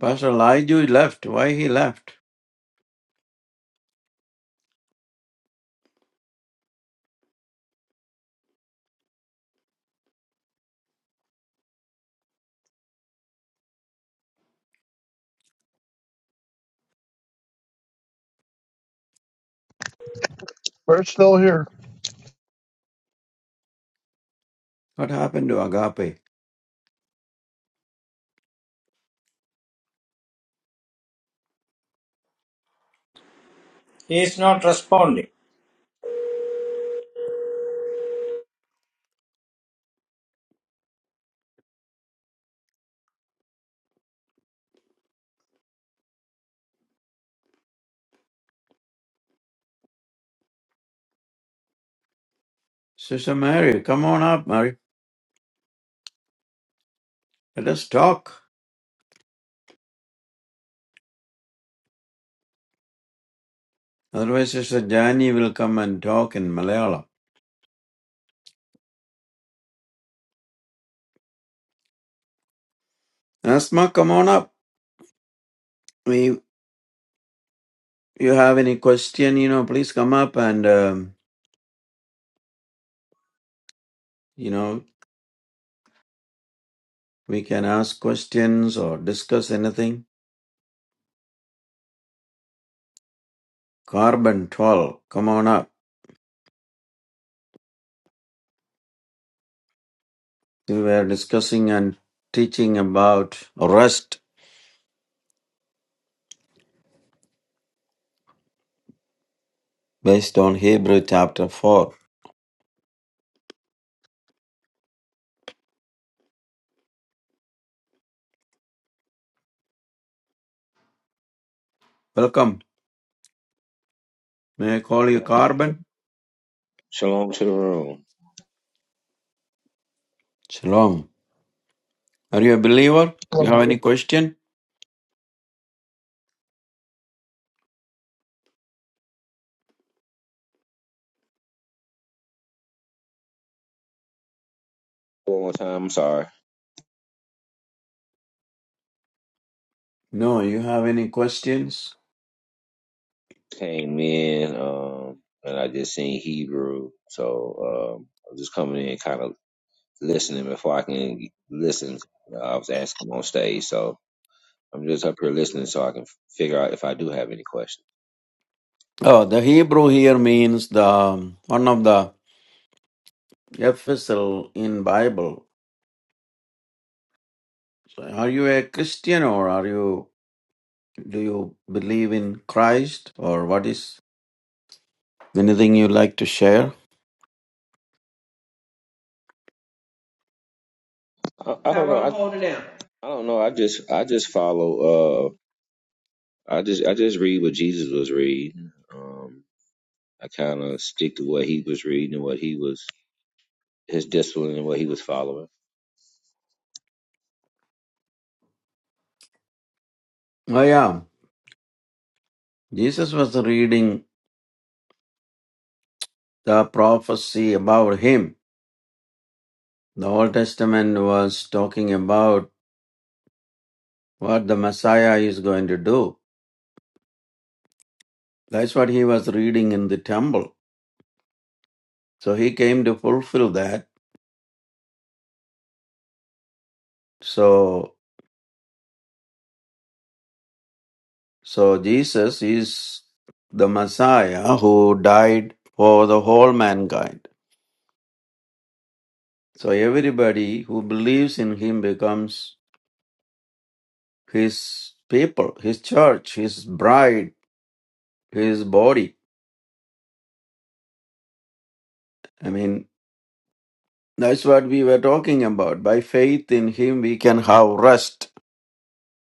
C: Pastor Elijah left? Why he left?
D: We're still here.
C: What happened to Agape?
B: he is not responding.
C: Sister Mary, come on up, Mary. Let us talk. Otherwise, Sister Jani will come and talk in Malayalam. Asma, come on up. We you have any question? You know, please come up and um, you know we can ask questions or discuss anything. Carbon twelve, come on up. We were discussing and teaching about rest based on Hebrew chapter 4. Welcome. May I call you Carbon?
E: Shalom to the room.
C: Shalom. Are you a believer? You
D: Well,
C: have
D: we
C: any question?
E: One more time. I'm sorry.
C: No, you have any questions?
E: Came in, um, and I just seen Hebrew, so um, I'm just coming in, kind of listening before I can listen. Uh, I was asking on stage, so I'm just up here listening, so I can f- figure out if I do have any questions.
C: Oh, the Hebrew here means the um, one of the epistle in Bible. So are you a Christian or are you do you believe in Christ or what is anything you like to share?
E: I, I How don't know. I, i holding down. I don't know. I just I just follow. Uh, I just I just read what Jesus was reading. Um, I kind of stick to what he was reading and what he was his discipline and what he was following.
C: I am. Jesus was reading the prophecy about him. The Old Testament was talking about what the Messiah is going to do. That's what he was reading in the temple. So he came to fulfill that. So so Jesus is the Messiah who died for the whole mankind. So everybody who believes in him becomes his people, his church, his bride, his body. I mean That's what we were talking about. By faith in Him, we can have rest.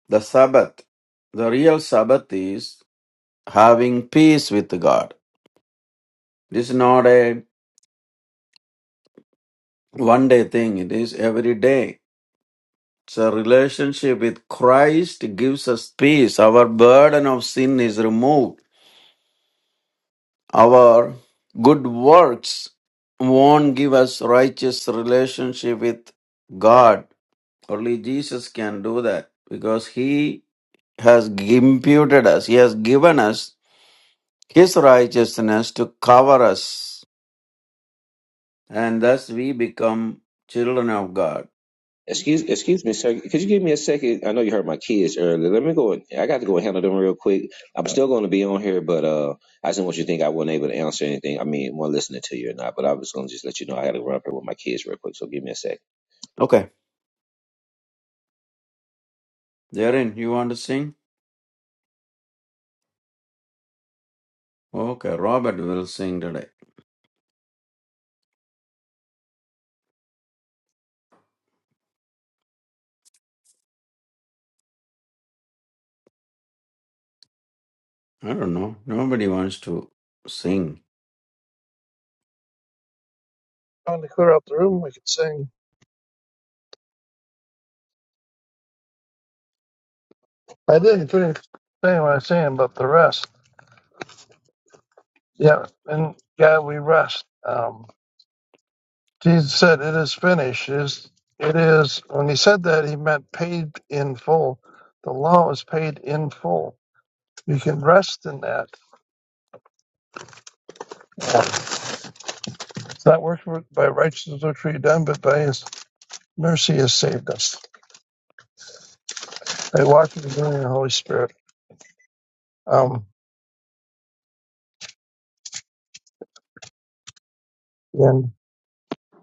C: The Sabbath. The real Sabbath is having peace with God. It is not a one day thing, it is every day. So, relationship with Christ gives us peace. Our burden of sin is removed. Our good works won't give us righteous relationship with God. Only Jesus can do that because He has imputed us, He has given us His righteousness to cover us, and thus we become children of God.
E: Excuse excuse me, sir. Could you give me a second? I know you heard my kids earlier. Let me go. and- I got to go and handle them real quick. I'm still going to be on here, but uh, I just didn't want you to think I wasn't able to answer anything. I mean, one listening to you or not, but I was going to just let you know I got to run up here with my kids real quick. So give me a sec.
C: Okay, therein, you want to sing? Okay, Robert will sing today. I don't know, nobody wants to sing.
D: want to clear out the room. We could sing. I didn't finish saying what I was saying about the rest. Yeah, and God, we rest. Um, Jesus said, "It is finished." It is it is? When he said that, he meant paid in full. The law is paid in full. You can rest in that. It's not worked for- by righteousness which we've done, but by His mercy has saved us. By walking in the glory of the Holy Spirit. Um, and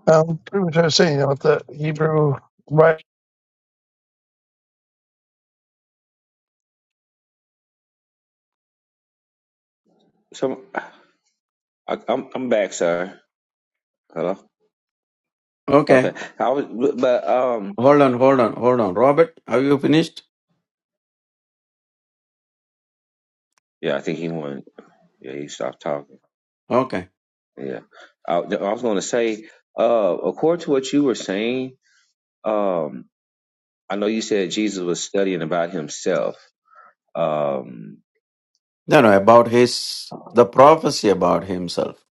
D: um, pretty much I was saying, you know, the Hebrew right
E: So I, I'm I'm back, sir. Hello. Okay.
C: Okay,
E: I was, but um,
C: hold on, hold on, hold on. Robert, have you finished?
E: yeah, I think he went. Yeah, he stopped talking.
C: Okay.
E: Yeah, I, no, I was going to say, uh, according to what you were saying, um, I know you said Jesus was studying about himself, um,
C: No, no, about his, the prophecy about himself.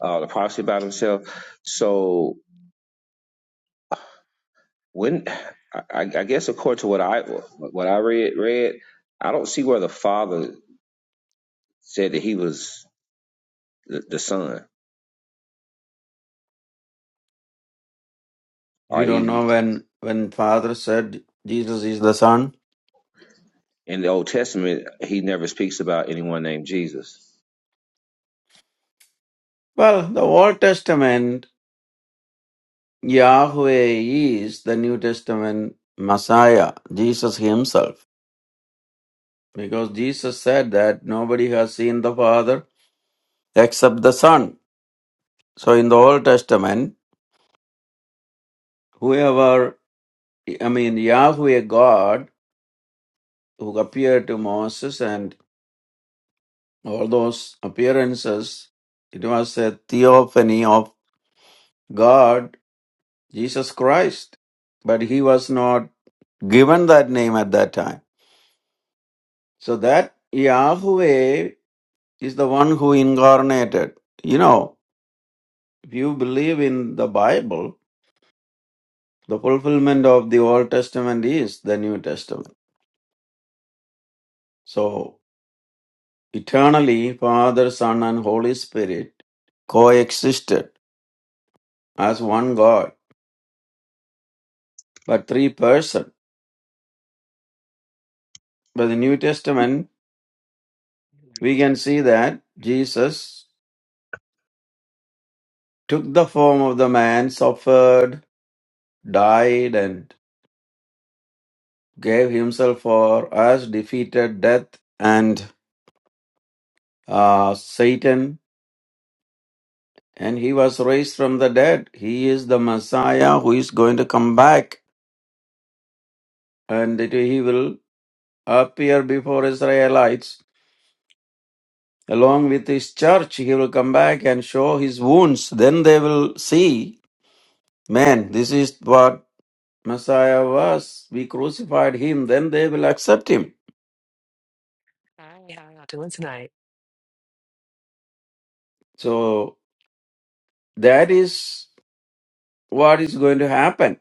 E: uh, the prophecy about himself. So when, I, I I guess according to what I what I read read, I don't see where the Father said that he was the, the Son, or
C: You don't
E: even
C: know when, when Father said Jesus is the Son?
E: in the Old Testament, he never speaks about anyone named Jesus.
C: Well, the Old Testament Yahweh is the New Testament Messiah, Jesus Himself. Because Jesus said that nobody has seen the Father except the Son. So in the Old Testament, whoever, I mean, Yahweh God, who appeared to Moses and all those appearances, it was a theophany of God, Jesus Christ. But He was not given that name at that time. So that Yahweh is the one who incarnated. You know, if you believe in the Bible, the fulfillment of the Old Testament is the New Testament. So, eternally, Father, Son, and Holy Spirit coexisted as one God, but three persons. By the New Testament,
F: Mhm.
C: we can see that Jesus took the form of the man, suffered, died, and gave himself for us, defeated death and uh, Satan and he was raised from the dead. He is the Messiah who is going to come back, and it- he will appear before Israelites along with his church. He will come back and show his wounds. Then they will see, man, this is what Messiah was. We crucified him. Then they will accept him.
F: Hi, how y'all doing tonight?
C: So that is what is going to happen,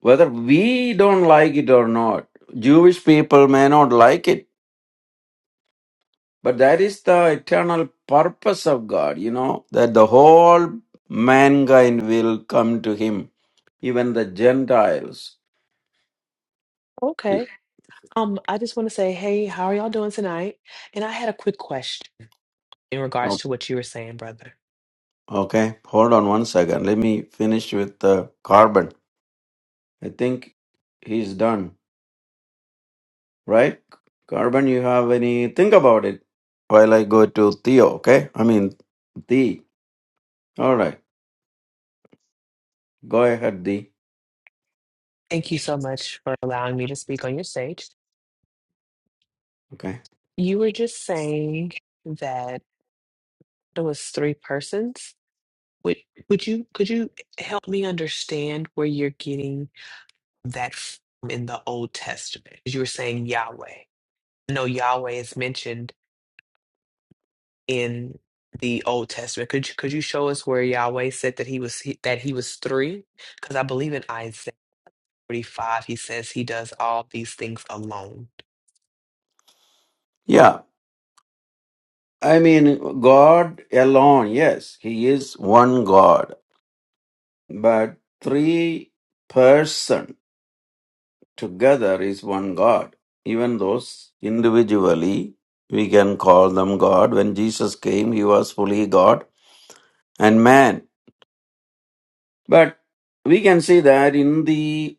C: whether we don't like it or not. Jewish people may not like it But that is the eternal purpose of God, you know, that the whole mankind will come to Him, even the Gentiles. It-
F: Okay. Um, I just want to say, hey, how are y'all doing tonight? And I had a quick question in regards
C: o-
F: to what you were saying, brother.
C: Okay, hold on one second. Let me finish with uh, Carbon. I think he's done, right? Carbon, you have any? Think about it while I go to Theo, okay? I mean, Thee. All right, go ahead, Thee.
F: Thank you so much for allowing me to speak on your stage.
C: Okay.
F: You were just saying that there was three persons. Would would you could you help me understand where you're getting? that form in the Old Testament, You were saying Yahweh. I know Yahweh is mentioned in the Old Testament. Could you, could you show us where Yahweh said that he was he- that he was three? Because I believe in Isaiah 45, he says he does all these things alone.
C: Yeah, I mean, God alone, yes, He is one God But three persons together is one God. Even those individually, we can call them God. When Jesus came, he was fully God and man. But we can see that in the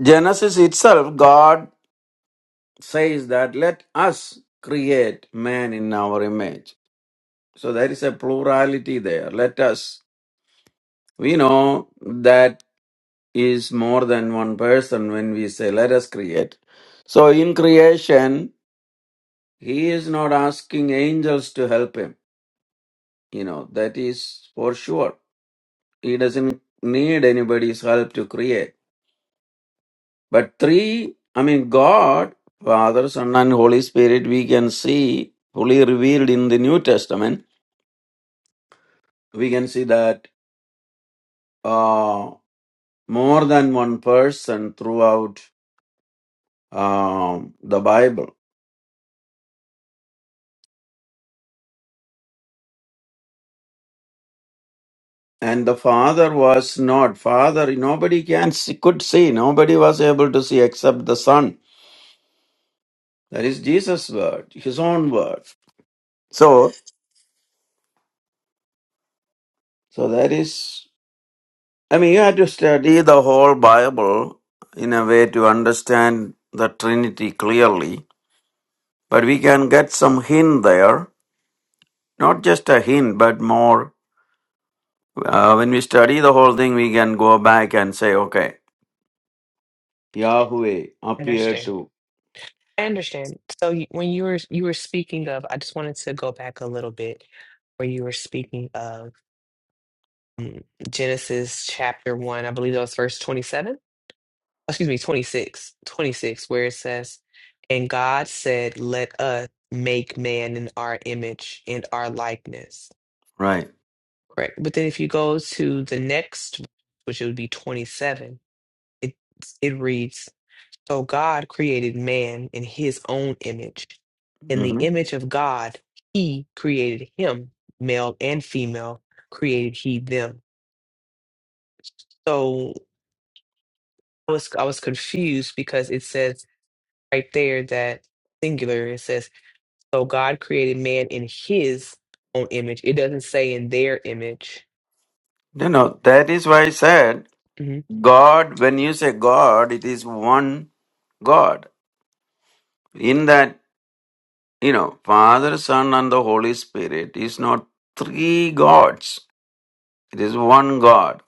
C: Genesis itself, God says that let us create man in our image. So there is a plurality there. Let us. We know that is more than one person when we say, let us create. So in creation, he is not asking angels to help him. You know, that is for sure. He doesn't need anybody's help to create. But three, I mean, God, Father, Son, and Holy Spirit, we can see fully revealed in the New Testament. We can see that uh, more than one person throughout um, the Bible and the father was not father nobody can see, could see nobody was able to see except the son that is jesus word his own word so so that is i mean you have to study the whole bible in a way to understand the trinity clearly but we can get some hint there not just a hint but more uh, when we study the whole thing we can go back and say okay yahweh appeared
F: understand.
C: to
F: I understand. So you- when you were you were speaking of, I just wanted to go back a little bit where you were speaking of mm, Genesis chapter one. I believe that was verse 27. excuse me, 26, 26, where it says, And God said, Let us make man in our image and our likeness.
C: right
F: Correct. But then if you go to the next, which it would be 27, it it reads, So God created man in his own image. In the image of God, he created him, male and female, created he them. So I was I was confused because it says right there that singular. It says. So God created man in his own image. It doesn't say in their image.
C: No, no, that is why I said
F: hmm
C: God, when you say God, it is one God. In that, you know, Father, Son, and the Holy Spirit is not three gods, it is one God.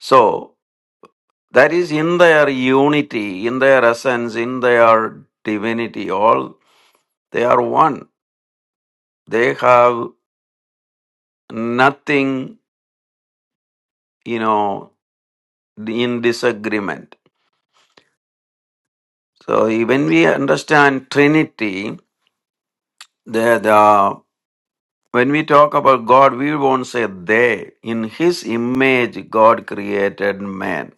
C: So, that is in their unity, in their essence, in their divinity, all they are one. They have nothing, you know, in disagreement. So, when we understand Trinity, the, the When we talk about God, we won't say they. In His image, God created man.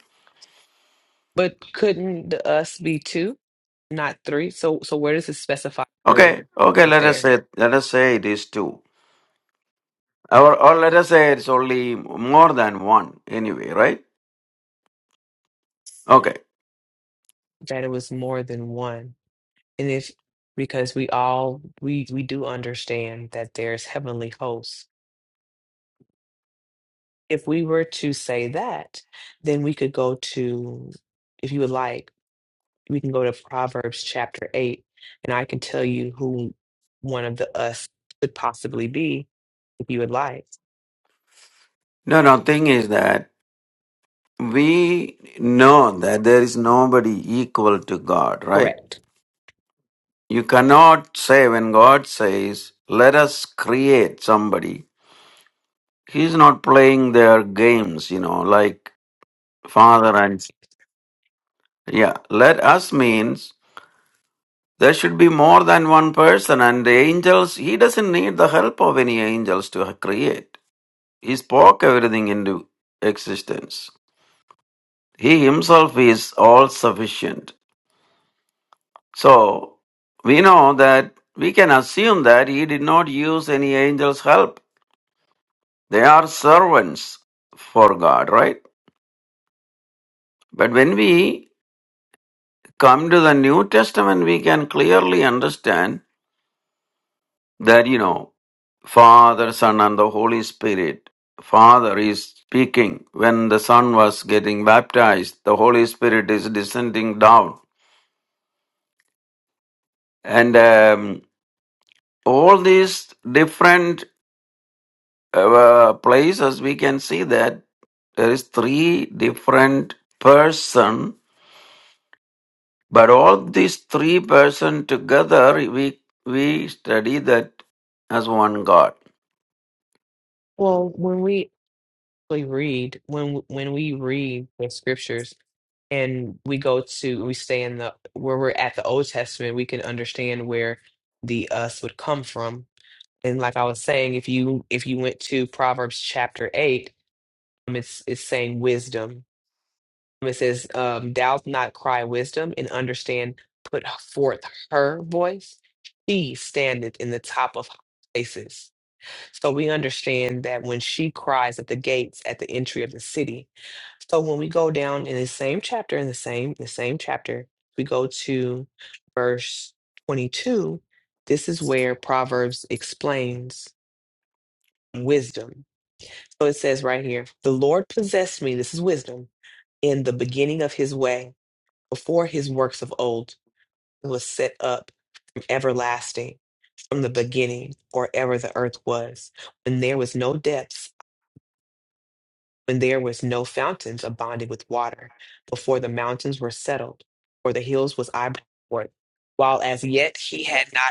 F: But couldn't the us be two, not three? So so where does it specify
C: Okay,
F: three
C: okay.
F: right
C: Let us
F: there?
C: say, let us say it is two, or or let us say it's only more than one. Anyway, right? Okay.
F: That it was more than one. And if because we all we we do understand that there's heavenly hosts. If we were to say that, then we could go to, if you would like. we can go to Proverbs chapter 8, and I can tell you who one of the us could possibly be if you would like.
C: No, no. Thing is that we know that there is nobody equal to God, right?
F: Correct.
C: You cannot say when God says, "Let us create somebody." He's not playing their games, you know, like father and Yeah, let us means there should be more than one person, and the angels, he doesn't need the help of any angels to create. He spoke everything into existence. He himself is all sufficient. So we know that we can assume that he did not use any angels' help. They are servants for God, right? But when we come to the New Testament, we can clearly understand that, you know, Father, Son, and the Holy Spirit. Father is speaking. When the Son was getting baptized, the Holy Spirit is descending down. And um, all these different uh, places, we can see that there is three different person, but all these three person together, we we study that as one God.
F: Well, when we actually read, when when we read the scriptures and we go to, we stay in the, where we're at the Old Testament, we can understand where the us would come from. And like I was saying, if you if you went to Proverbs chapter 8, um, it's it's saying wisdom It says, um, "Doubt not, cry wisdom, and understand. Put forth her voice. She standeth in the top of places." So we understand that when she cries at the gates at the entry of the city. So when we go down in the same chapter, in the same the same chapter, we go to verse twenty-two. This is where Proverbs explains wisdom. So it says right here, "The Lord possessed me." This is wisdom in the beginning of His way before his works of old it was set up from everlasting from the beginning or ever the earth was when there was no depths when there was no fountains abounded with water before the mountains were settled or the hills was eyebrowed forth, while as yet he had not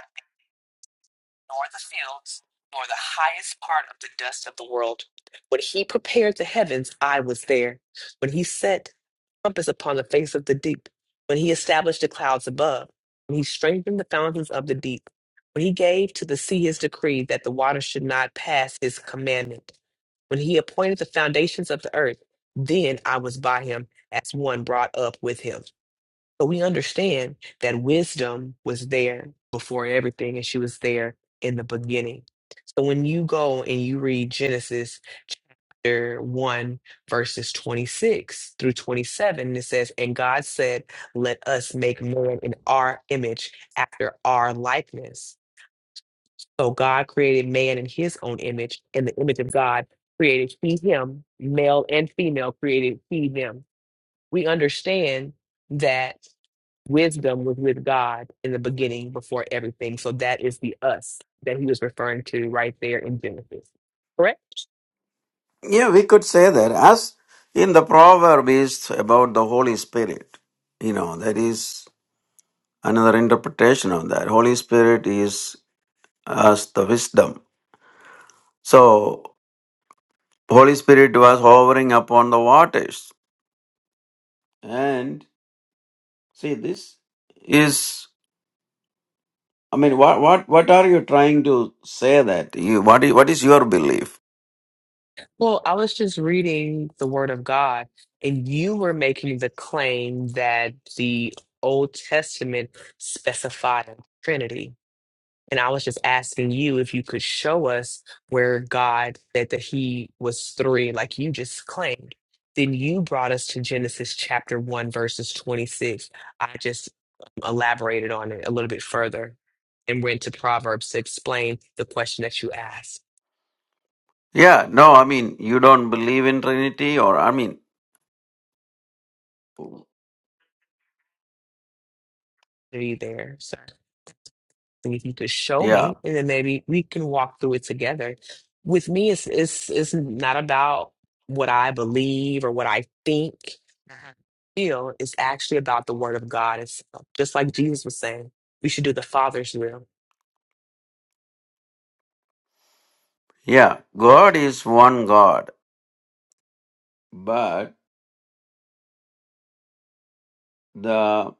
F: nor the fields, nor the highest part of the dust of the world. When he prepared the heavens, I was there. When he set compass upon the face of the deep, when he established the clouds above, when he strengthened the fountains of the deep, when he gave to the sea his decree that the waters should not pass his commandment, when he appointed the foundations of the earth, then I was by him as one brought up with him. So we understand that wisdom was there before everything, and she was there in the beginning. So when you go and you read Genesis chapter 1, verses 26 through 27, it says, And God said, Let us make man in our image, after our likeness. So God created man in his own image, in the image of God created he him, male and female created he them. We understand that wisdom was with God in the beginning before everything. So that is the us that he was referring to right there in Genesis. Correct?
C: Yeah, we could say that. As in the proverb is about the Holy Spirit. You know, that is another interpretation of that. Holy Spirit is as the wisdom. So, Holy Spirit was hovering upon the waters. And see, this is, I mean, what what what are you trying to say that you what is what is your belief?
F: Well, I was just reading the word of God, and you were making the claim that the Old Testament specified a Trinity. And I was just asking you if you could show us where God said that he was three, like you just claimed. Then you brought us to Genesis chapter 1, verses 26. I just um, elaborated on it a little bit further and went to Proverbs to explain the question that you asked.
C: Yeah, no, I mean, you don't believe in Trinity, or I mean,
F: Are you there, sir? And if you could show
C: yeah,
F: me, and then maybe we can walk through it together. With me, it's it's it's not about what I believe or what I think, Mhm. feel. It's actually about the Word of God itself. Just like Jesus was saying, we should do the Father's will.
C: yeah, God is one God But the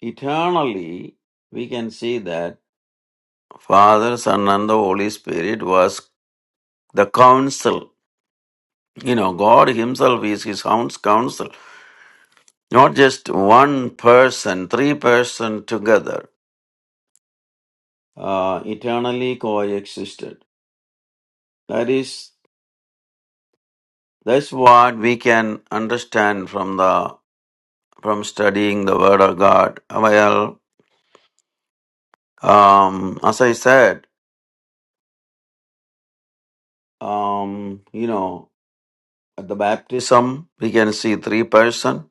C: eternally, we can see that Father, Son, and the Holy Spirit was the counsel. You know, God Himself is His own counsel, not just one person, three person together, uh, eternally coexisted. That is, that's what we can understand from the from studying the Word of God. Well, um, as I said, um, you know. At the baptism, we can see three person.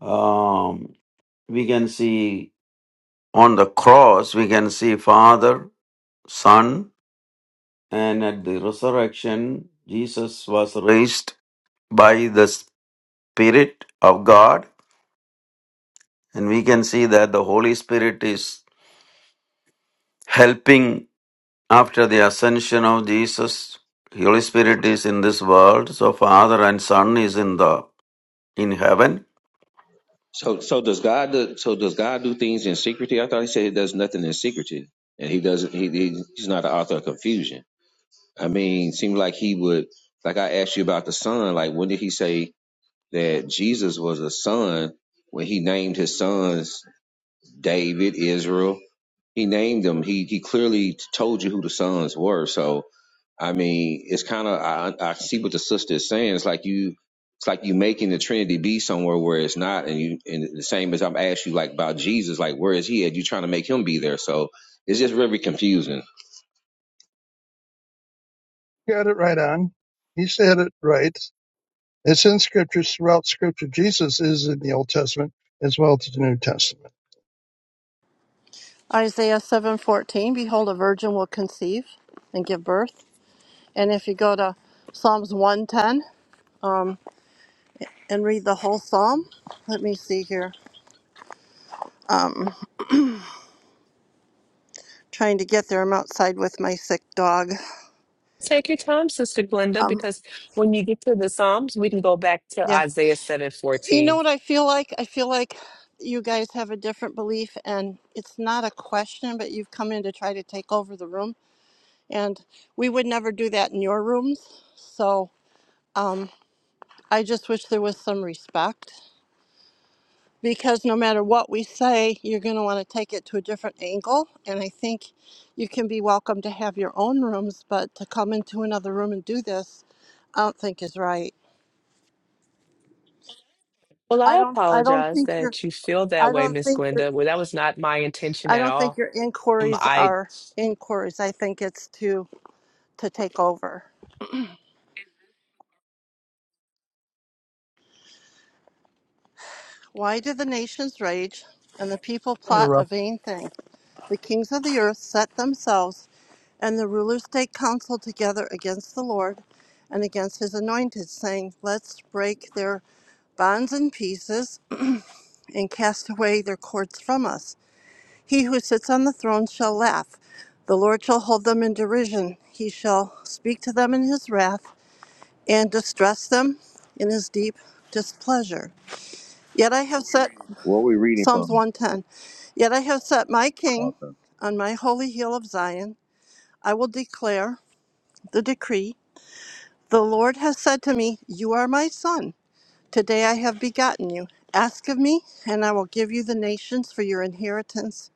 C: Um, we can see on the cross, we can see Father, Son, and at the resurrection, Jesus was raised by the Spirit of God. And we can see that the Holy Spirit is helping after the ascension of Jesus. Holy Spirit is in this world, so Father and Son is in the in heaven.
E: So so does God do, so does God do things in secrecy? I thought he said he does nothing in secrecy, and he doesn't. He, he he's not the author of confusion. I mean, it seems like he would. Like I asked you about the son. Like when did he say that Jesus was a son? When he named his sons David, Israel, he named them. He he clearly told you who the sons were. So I mean, it's kind of I, I see what the sister is saying. It's like you, it's like you making the Trinity be somewhere where it's not, and you and the same as I'm asking you like about Jesus, like where is he at? You trying to make him be there, so it's just very confusing.
D: got it right on. He said it right. It's in scriptures throughout scripture. Jesus is in the Old Testament as well as the New Testament.
G: Isaiah 7:14, behold a virgin will conceive and give birth. And if you go to Psalms 110 um, and read the whole psalm, let me see here. Um, trying to get there. I'm outside with my sick dog.
F: Take your time, Sister Glenda,
G: Um,
F: because when you get to the Psalms, we can go back to
G: yeah.
F: Isaiah seven
G: You know
F: fourteen.
G: what I feel like? I feel like you guys have a different belief and it's not a question, but you've come in to try to take over the room and we would never do that in your rooms. So, um, I just wish there was some respect because no matter what we say, you're going to want to take it to a different angle. And I think you can be welcome to have your own rooms, but to come into another room and do this, I don't think is right.
F: Well,
G: I
F: I
G: don't. I don't
F: apologize
G: think your.
F: that you feel that
G: I
F: way,
G: don't
F: Miss
G: think your.
F: Glenda. Well, that was not my intention
G: I
F: at
G: don't think
F: all.
G: your
F: Um,
G: inquiries
F: I
G: are inquiries. I think it's to to take over. Why do the nations rage and the people plot a
D: Interrupt.
G: vain thing? The kings of the earth set themselves, and the rulers take counsel together against the Lord and against his anointed, saying, Let's break their bonds in pieces and cast away their cords from us. He who sits on the throne shall laugh. The Lord shall hold them in derision. He shall speak to them in his wrath and distress them in his deep displeasure. Yet I have set
E: What are we reading
G: Psalms
E: from?
G: 110. Yet I have set my king
E: Okay.
G: on my holy hill of Zion. I will declare the decree. The Lord has said to me, You are my son. Today I have begotten you. Ask of me, and I will give you the nations for your inheritance,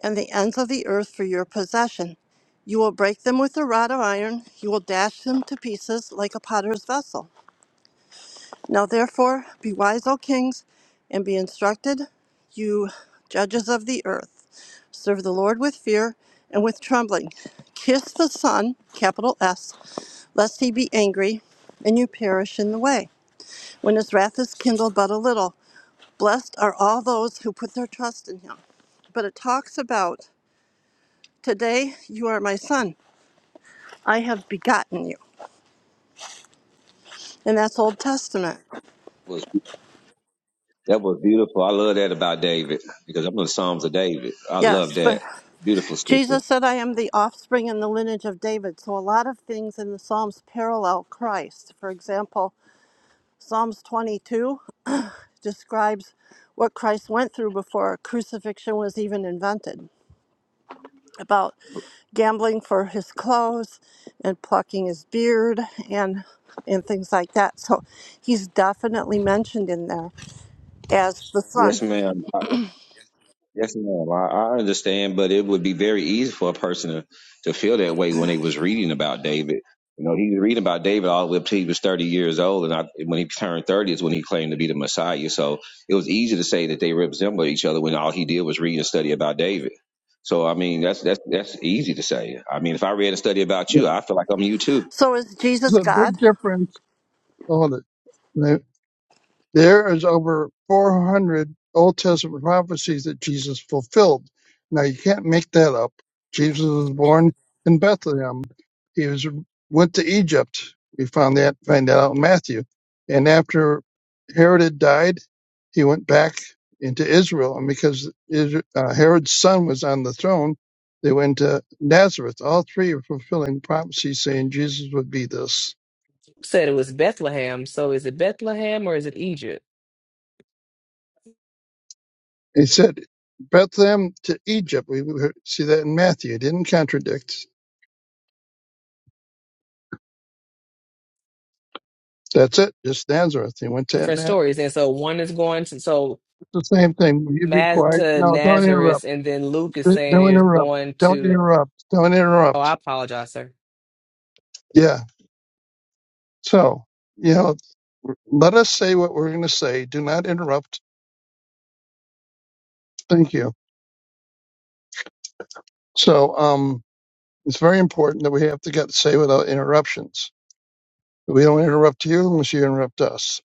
G: and the ends of the earth for your possession. You will break them with a rod of iron. You will dash them to pieces like a potter's vessel. Now therefore be wise, O kings, and be instructed, you judges of the earth. Serve the Lord with fear and with trembling. Kiss the Son, capital S, lest he be angry and you perish in the way, when his wrath is kindled but a little. Blessed are all those who put their trust in him. But it talks about, Today you are my son. I have begotten you. And that's Old Testament.
E: was that was beautiful. I love that about David because I'm in the Psalms of David. I love
G: Yes, but
E: that. Beautiful sister.
G: Jesus said, I am the offspring and the lineage of David. So a lot of things in the Psalms parallel Christ. For example, Psalms 22 describes what Christ went through before crucifixion was even invented about gambling for his clothes and plucking his beard and and things like that. So he's definitely mentioned in there as the
E: Yes,
G: son.
E: ma'am. Yes, ma'am. I, I understand, but it would be very easy for a person to, to feel that way when they was reading about David. You know, he was reading about David all the way up till he was 30 years old, and I, when he turned 30 is when he claimed to be the Messiah. So it was easy to say that they resembled each other when all he did was read and study about David. So I mean, that's that's that's easy to say. I mean, if I read and study about you, I feel like I'm you too.
G: So is Jesus
D: There's a
G: God?
D: big difference on it. There is over 400 Old Testament prophecies that Jesus fulfilled. Now you can't make that up. Jesus was born in Bethlehem. He was went to Egypt. We found that find that out in Matthew. And after Herod had died, he went back into Israel. And because Isra- uh, Herod's son was on the throne, they went to Nazareth. All three are fulfilling prophecies saying Jesus would be this.
F: said it was Bethlehem. So is it Bethlehem or is it Egypt?
D: He said Bethlehem to Egypt. We we see that in Matthew. It didn't contradict. That's it. Just Nazareth. He went to
F: Different
D: that.
F: stories. And so one is going to so
D: It's the same thing. Will you be
F: Ma-
D: quiet?
F: to
D: No, don't
F: Nazareth,
D: interrupt.
F: and then Luke is saying
D: Don't
F: is
D: interrupt.
F: going
D: Don't
F: to.
D: interrupt. Don't
F: Oh, I
D: interrupt.
F: apologize, sir.
D: Yeah. So, you know, let us say what we're going to say. Do not interrupt. Thank you. So, um, it's very important that we have to get to say without interruptions. We don't interrupt you unless you interrupt us.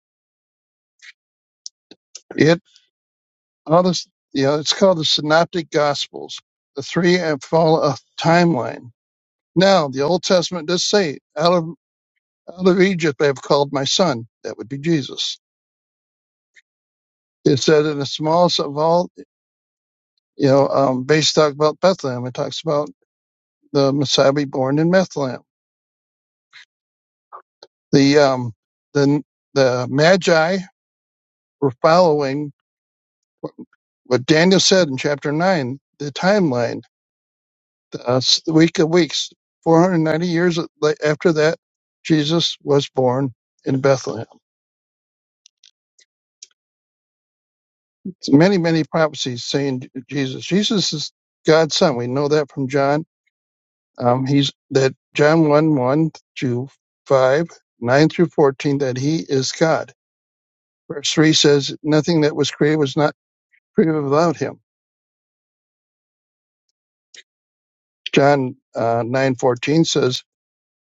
D: All this, yeah, it's called the Synoptic Gospels. The three have follow a timeline. Now, the Old Testament does say, out of, out of Egypt I have called my son. That would be Jesus. It said in the smallest of all, you know, um, base talk about Bethlehem. It talks about the Messiah be born in Bethlehem. The, um, the, the Magi were following what Daniel said in chapter nine, the timeline uh, s- the week of weeks. 490 years la- after that, Jesus was born in Bethlehem. So many, many prophecies saying J- Jesus. Jesus is God's son. We know that from John. Um, he's that John 1 1 to 5, 9 through 14, that he is God. Verse 3 says, Nothing that was created was not created without him. John uh, 9 fourteen says,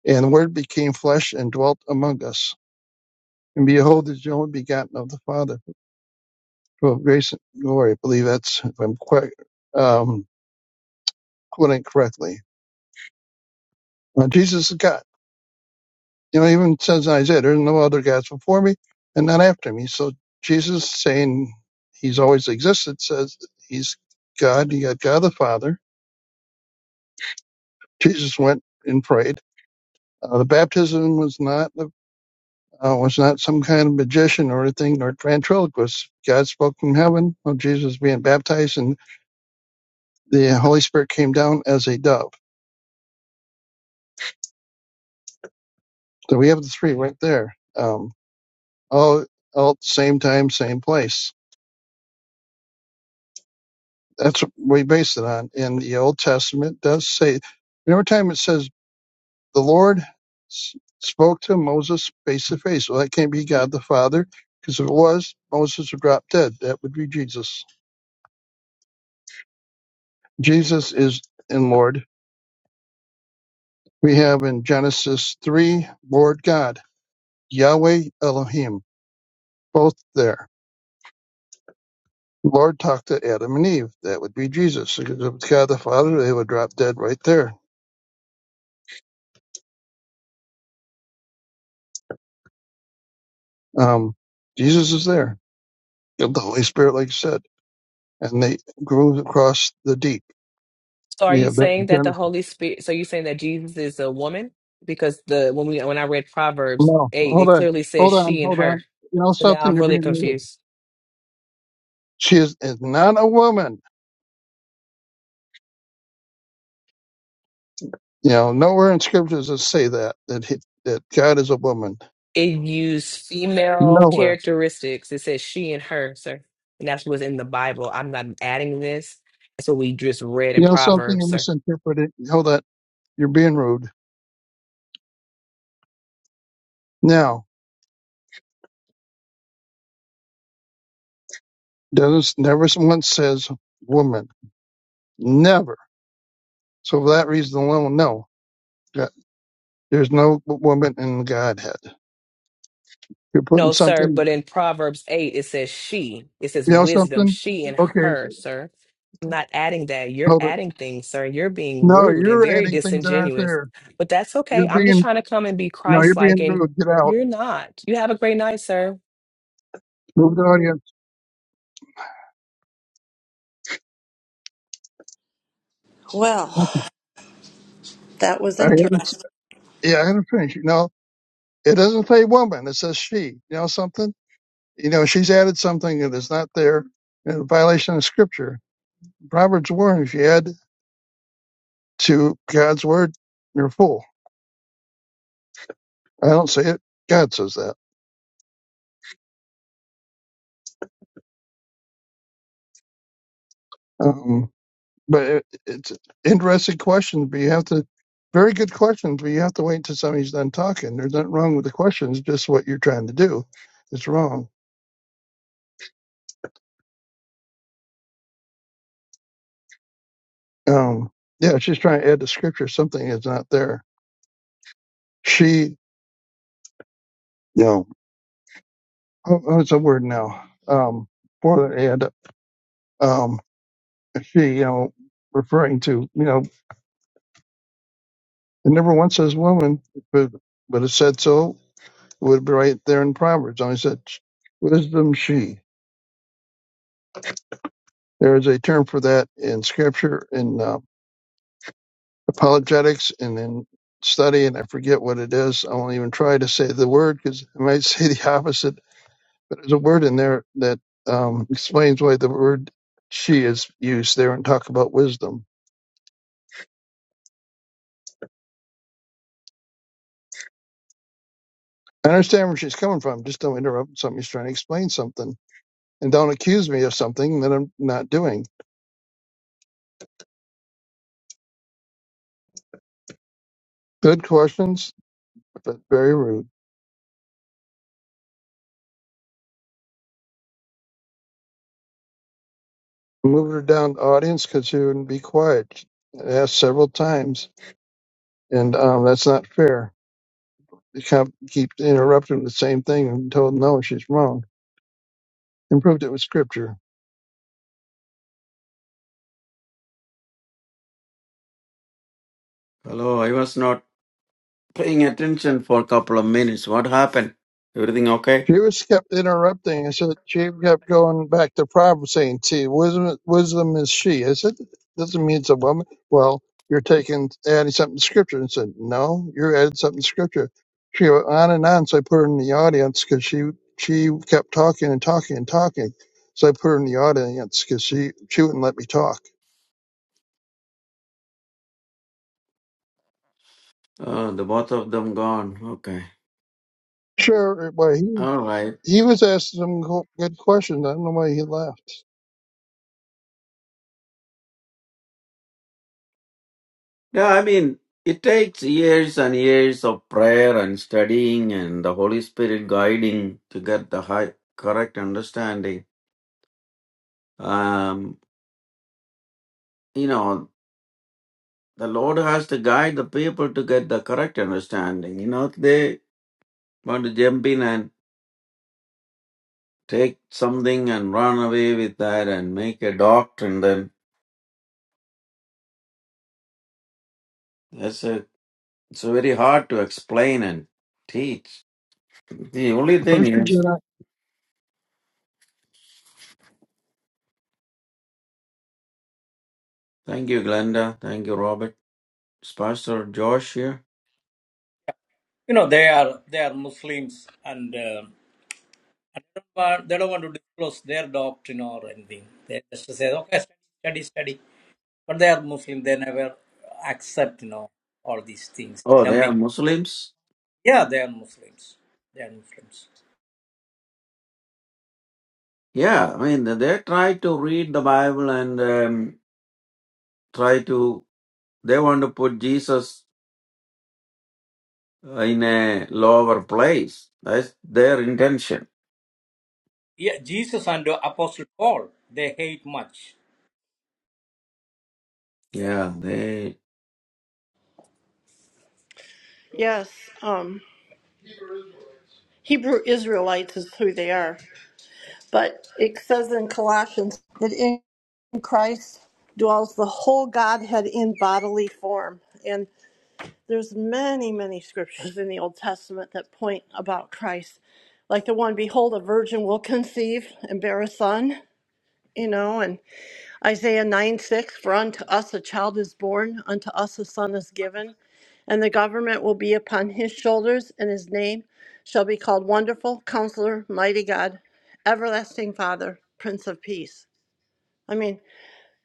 D: And the word became flesh and dwelt among us. And behold, the only begotten of the Father Well, Grayson, don't worry. I believe that's, if I'm quite, um, quoting correctly. Uh, Jesus is God. You know, even says in Isaiah, there's no other gods before me and not after me. So Jesus saying he's always existed says that he's God. He got God the Father. Jesus went and prayed. Uh, the baptism was not uh, was not some kind of magician or anything, nor ventriloquist. God spoke from heaven of Jesus being baptized, and the Holy Spirit came down as a dove. So we have the three right there. Um, all all at the same time, same place. That's what we base it on. And the Old Testament does say, every time it says the Lord s- spoke to Moses face to face, well, that can't be God the Father, because if it was, Moses would drop dead. That would be Jesus. Jesus is in Lord. We have in Genesis 3, Lord God, Yahweh Elohim, both there. Lord talked to Adam and Eve. That would be Jesus. Because if it's God the Father, they would drop dead right there Um, Jesus is there, the Holy Spirit, like you said, and they grew across the deep.
F: So are you
D: Yeah, but
F: saying that the
D: no,
F: Holy Spirit? So you saying that Jesus is a woman? Because the when we when I read Proverbs eight,
D: hold
F: it
D: on,
F: clearly says
D: hold on,
F: she and
D: hold
F: her.
D: on. You know
F: So now
D: something?
F: I'm
D: You're
F: really
D: being rude.
F: confused.
D: She is, is not a woman. You know, nowhere in scriptures does it say that that he, that God is a woman.
F: It used female
D: Nowhere.
F: characteristics. It says she and her, sir. And that's what's in the Bible. I'm not adding this. That's what we just read in
D: You know something? You're
F: Proverbs, sir.
D: misinterpreting. Hold on, you're being rude. Now, does never once says woman. Never. So for that reason alone, no, God- there's no woman in the Godhead. You're putting
F: No, sir,
D: something,
F: but in Proverbs 8, it says she. It says
D: you know
F: wisdom,
D: something?
F: she and
D: Okay,
F: her, sir. I'm not adding that. You're
D: hold it.
F: adding things, sir. You're being
D: No,
F: rude and
D: you're
F: very
D: adding things that aren't
F: disingenuous.
D: there.
F: But that's okay.
D: You're
F: I'm just
D: being,
F: trying to come and be
D: no, you're
F: Christ like,
D: being
F: and
D: rude. Get out.
F: you're not. You have a great night, sir.
D: Move the audience. I
G: Well, that was
D: had to,
G: interesting.
D: Yeah, I had to finish. You know, it doesn't say woman. It says she. You know something? You know, she's added something that is not there in a violation of scripture. Proverbs warns if you add to God's word, you're a fool. I don't say it. God says that. Um, but it, it's an interesting question. But you have to, very good questions. But you have to wait until somebody's done talking. There's nothing wrong with the questions. Just what you're trying to do is wrong. Um, yeah, she's trying to add to scripture something that's not there. She, you know, oh, oh, it's a word now. Um, for the ad, um, she, you know, referring to, you know, it never once says woman, but but it said so. It would be right there in Proverbs. Only said wisdom she. There is a term for that in scripture, in uh, apologetics, and in study, and I forget what it is. I won't even try to say the word because I might say the opposite. But there's a word in there that um, explains why the word she is used there and talk about wisdom. I understand where she's coming from. Just don't interrupt somebody's trying to explain something. And don't accuse me of something that I'm not doing. Good questions, but very rude. Moved her down to audience because she wouldn't be quiet. I asked several times. and um, that's not fair. They kept, keep interrupting the same thing and told no, she's wrong, and proved it with scripture.
C: Hello, I was not paying attention for a couple of minutes. What happened? Everything okay?
D: She was kept interrupting, and so she kept going back to Proverbs, saying, "See, wisdom, wisdom is she." I said, "Doesn't mean it's a woman." Well, you're taking adding something to scripture, and said, "No, you're adding something to scripture." She went on and on, so I put her in the audience because she she kept talking and talking and talking. So I put her in the audience because she she wouldn't let me talk.
C: Oh, the both of them gone. Okay.
D: Sure, well, he
C: All right.
D: He was asking some go- good questions. I don't know why he left.
C: Yeah, I mean, it takes years and years of prayer and studying and the Holy Spirit guiding to get the high, correct understanding. Um, you know, the Lord has to guide the people to get the correct understanding. You know, they want to jump in and take something and run away with that and make a doctrine, then that's a It's very hard to explain and teach. The only thing
D: First he
C: is,
D: did. I
C: thank you, Glenda. Thank you, Robert. Is Pastor Josh here?
B: You know, they are they are Muslims and uh, And they don't want, they don't want to disclose their doctrine or anything. They just say, okay, study, study, study. But they are Muslim. They never accept, you know, all these things.
C: Oh, they are
B: Jumping.
C: Muslims?
B: Yeah, they are Muslims. They are Muslims.
C: Yeah, I mean, they they try to read the Bible and um, try to, they want to put Jesus in a lower place. That's their intention.
B: Yeah, Jesus and the Apostle Paul, they hate much.
C: Yeah, they,
G: Yes. Um Hebrew Israelites is who they are. But it says in Colossians that in Christ dwells the whole Godhead in bodily form. And there's many, many scriptures in the Old Testament that point about Christ. Like the one, behold, a virgin will conceive and bear a son, you know, and Isaiah 9 6 For unto us a child is born, unto us a son is given, and the government will be upon his shoulders, and his name shall be called Wonderful, Counselor, Mighty God, Everlasting Father, Prince of Peace. I mean,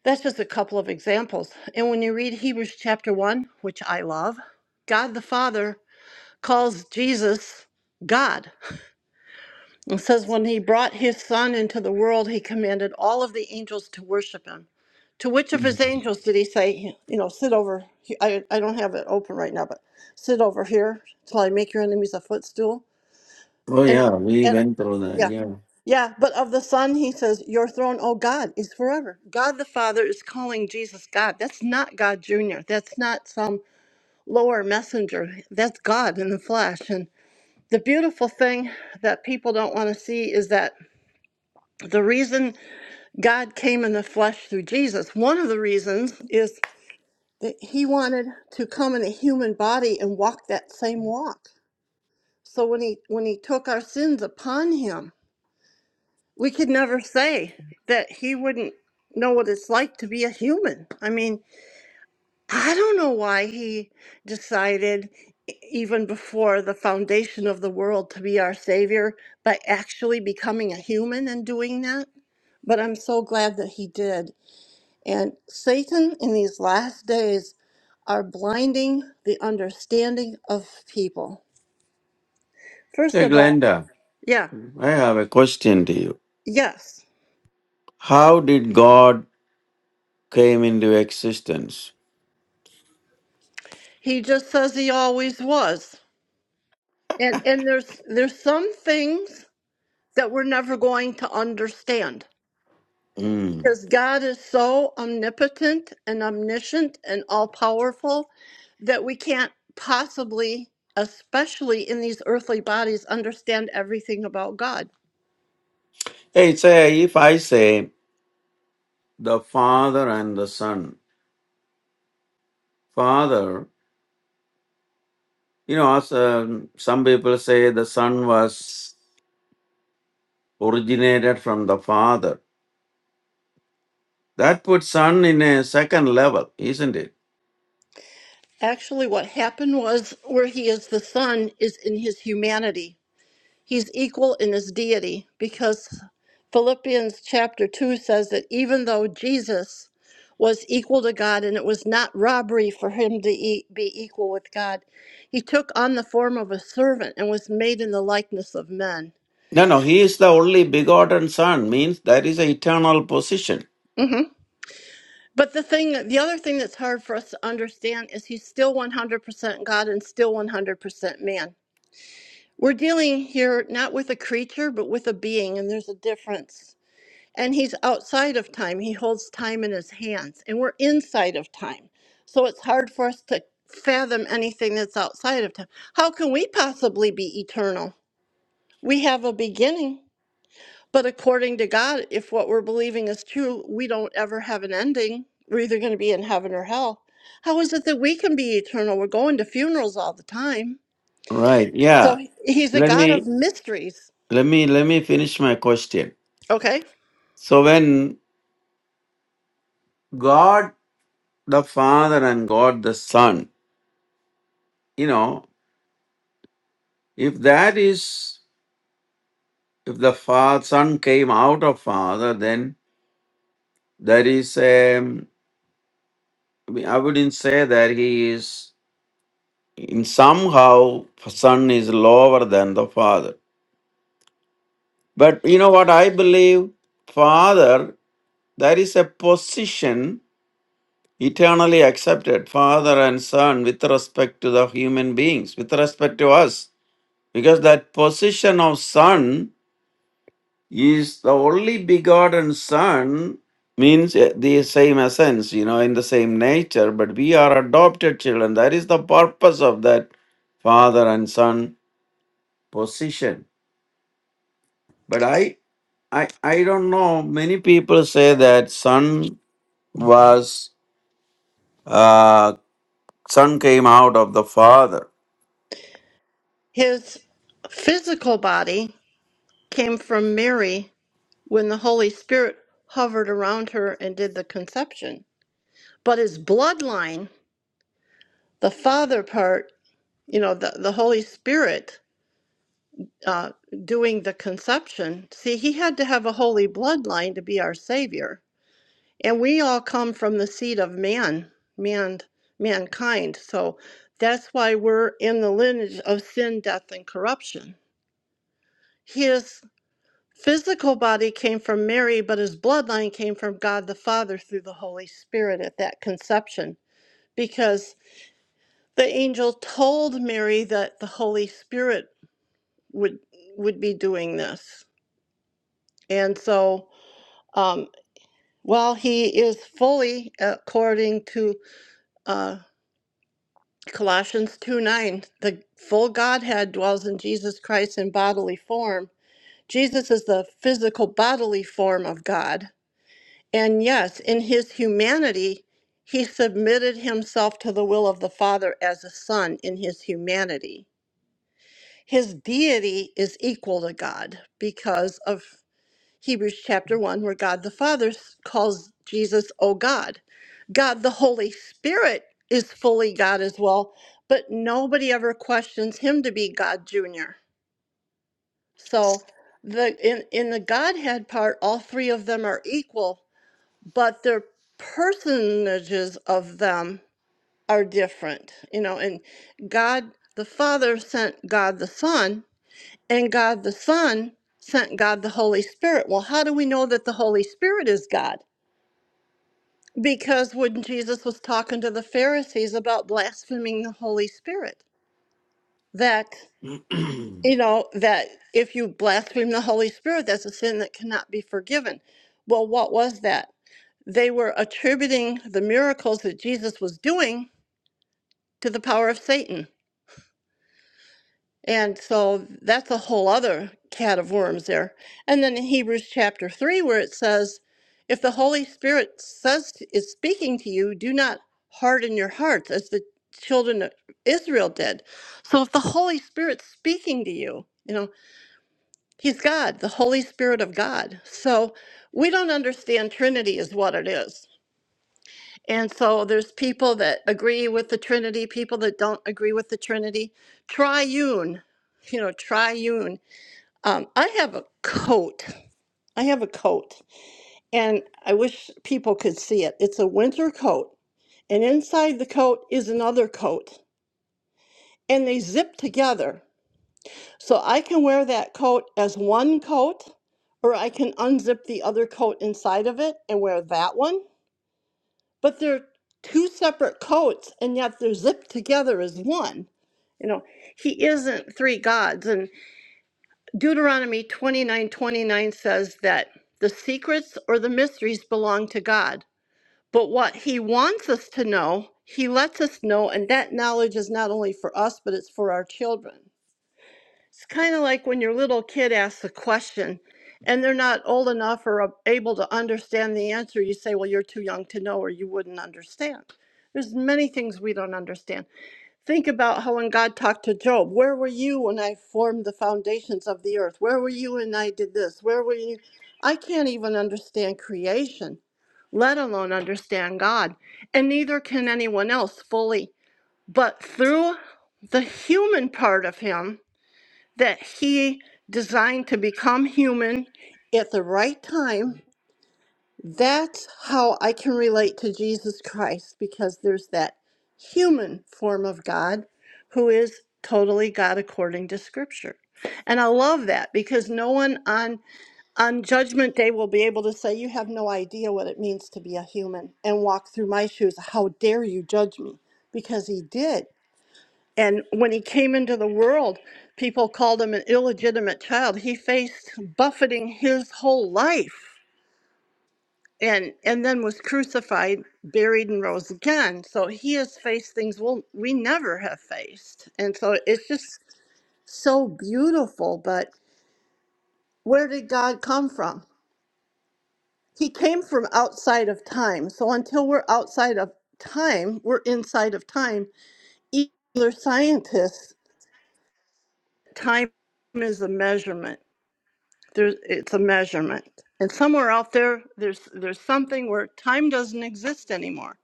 G: that's just a couple of examples. And when you read Hebrews chapter 1, which I love, God the Father calls Jesus God. It says, When he brought his son into the world, he commanded all of the angels to worship him. To which of his angels did he say, You know, sit over, he- I, I don't have it open right now, but sit over here till I make your enemies a footstool?
C: oh,
G: And,
C: yeah, we
G: and
C: went through that.
G: yeah,
C: Yeah.
G: yeah, but of the son, he says, Your throne, oh God, is forever. God the Father is calling Jesus God. That's not God Jr., that's not some lower messenger. That's God in the flesh. And the beautiful thing that people don't want to see is that the reason God came in the flesh through Jesus, one of the reasons is that he wanted to come in a human body and walk that same walk. So when he when he took our sins upon him, we could never say that he wouldn't know what it's like to be a human. I mean, I don't know why he decided e- even before the foundation of the world to be our savior by actually becoming a human and doing that, but I'm so glad that he did And Satan in these last days are blinding the understanding of people. First
C: Hey,
G: of all,
C: Glenda,
G: yeah,
C: I have a question to you.
G: yes.
C: How did God came into existence?
G: He just says he always was. And and there's there's some things that we're never going to understand.
C: Mm.
G: Because God is so omnipotent and omniscient and all powerful that we can't possibly, especially in these earthly bodies, understand everything about God.
C: It's a, if I say the father and the son, father, you know, as, um, some people say the son was originated from the father. That puts son in a second level, isn't it?
G: Actually, what happened was where he is the Son is in his humanity. He's equal in his deity because Philippians chapter 2 says that even though Jesus was equal to God and it was not robbery for him to e- be equal with God, he took on the form of a servant and was made in the likeness of men.
C: No, no, he is the only begotten son, means that is an eternal position.
G: hmm But the thing, the other thing that's hard for us to understand is he's still 100% God and still 100% man We're dealing here not with a creature, but with a being, and there's a difference. And he's outside of time. He holds time in his hands, and we're inside of time. So it's hard for us to fathom anything that's outside of time. How can we possibly be eternal? We have a beginning, but according to God, if what we're believing is true, we don't ever have an ending. We're either going to be in heaven or hell. How is it that we can be eternal? We're going to funerals all the time.
C: Right,
G: So
C: yeah.
G: he's a
C: Let
G: God
C: me,
G: of mysteries.
C: let me, let me finish my question.
G: Okay.
C: So when God the Father and God the Son, you know, if that is if the father, son came out of father, then there is a, I wouldn't say that he is, in somehow, son is lower than the father. But you know what I believe? Father, there is a position eternally accepted, father and son, with respect to the human beings, with respect to us. Because that position of son is the only begotten Son, means uh, the same essence, you know, in the same nature, but we are adopted children. That is the purpose of that father and son position. But I, I, I don't know. Many people say that son was, uh, son came out of the father.
G: His physical body came from Mary when the Holy Spirit hovered around her and did the conception. But his bloodline, the father part, you know, the, the Holy Spirit uh, doing the conception, see, he had to have a holy bloodline to be our Savior. And we all come from the seed of man, man mankind. So that's why we're in the lineage of sin, death, and corruption. His. physical body came from Mary, but his bloodline came from God the Father through the Holy Spirit at that conception, because the angel told Mary that the Holy Spirit would would be doing this, and so um, while he is fully, according to uh, Colossians two nine, the full Godhead dwells in Jesus Christ in bodily form. Jesus is the physical bodily form of God And yes, in his humanity, he submitted himself to the will of the Father as a son in his humanity. His deity is equal to God because of Hebrews chapter 1, where God the Father s- calls Jesus, O God. God the Holy Spirit is fully God as well, but nobody ever questions him to be God Jr. So the in, in the Godhead part, all three of them are equal but their personages of them are different, you know. And God the Father sent God the Son, and God the Son sent God the Holy Spirit. Well, how do we know that the Holy Spirit is God? Because when Jesus was talking to the Pharisees about blaspheming the Holy Spirit, that you know that if you blaspheme the Holy Spirit, that's a sin that cannot be forgiven. Well, what was that? They were attributing the miracles that Jesus was doing to the power of Satan. And so that's a whole other cat of worms there. And then in Hebrews chapter 3, where it says, If the Holy Spirit says is speaking to you, do not harden your hearts as the children of Israel did. So if the Holy Spirit's speaking to you, you know, He's God, the Holy Spirit of God. So we don't understand Trinity is what it is. And so there's people that agree with the Trinity, people that don't agree with the Trinity. Triune, you know, triune. Um, I have a coat. I have a coat, and I wish people could see it. It's a winter coat, and inside the coat is another coat, and they zip together. So I can wear that coat as one coat, or I can unzip the other coat inside of it and wear that one but they're two separate coats and yet they're zipped together as one you know he isn't three gods and deuteronomy 29 29 says that the secrets or the mysteries belong to god but what he wants us to know he lets us know and that knowledge is not only for us but it's for our children it's kind of like when your little kid asks a question and they're not old enough or able to understand the answer. You say, Well, you're too young to know, or you wouldn't understand. There's many things we don't understand. Think about how when God talked to Job, where were you when I formed the foundations of the earth? Where were you when I did this? Where were you? I can't even understand creation, let alone understand God. And neither can anyone else fully. But through the human part of Him, that he designed to become human at the right time. That's how I can relate to Jesus Christ because there's that human form of God who is totally God according to scripture. And I love that because no one on on judgment day will be able to say you have no idea what it means to be a human and walk through my shoes. How dare you judge me? Because he did. And when he came into the world, people called him an illegitimate child. He faced buffeting his whole life and and then was crucified, buried and rose again. So he has faced things we'll, we never have faced. And so it's just so beautiful, but where did God come from? He came from outside of time. So until we're outside of time, we're inside of time. Either scientists, time is a measurement There's, it's a measurement. And somewhere out there, there's, there's something where time doesn't exist anymore.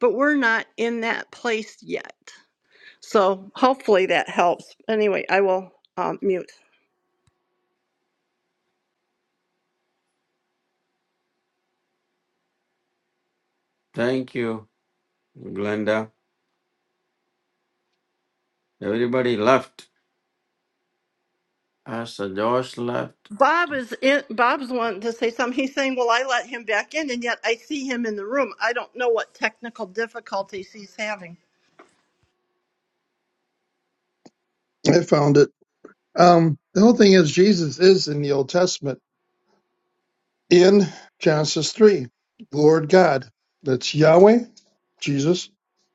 G: But we're not in that place yet. So hopefully that helps. Anyway, I will um, mute.
C: Thank you, Glenda. Everybody left. Pastor Josh left.
G: Bob is in, Bob's wanting to say something. He's saying, "Well, I let him back in, and yet I see him in the room. I don't know what technical difficulties he's having."
D: I found it. Um, the whole thing is Jesus is in the Old Testament in Genesis three, Lord God. That's Yahweh, Jesus,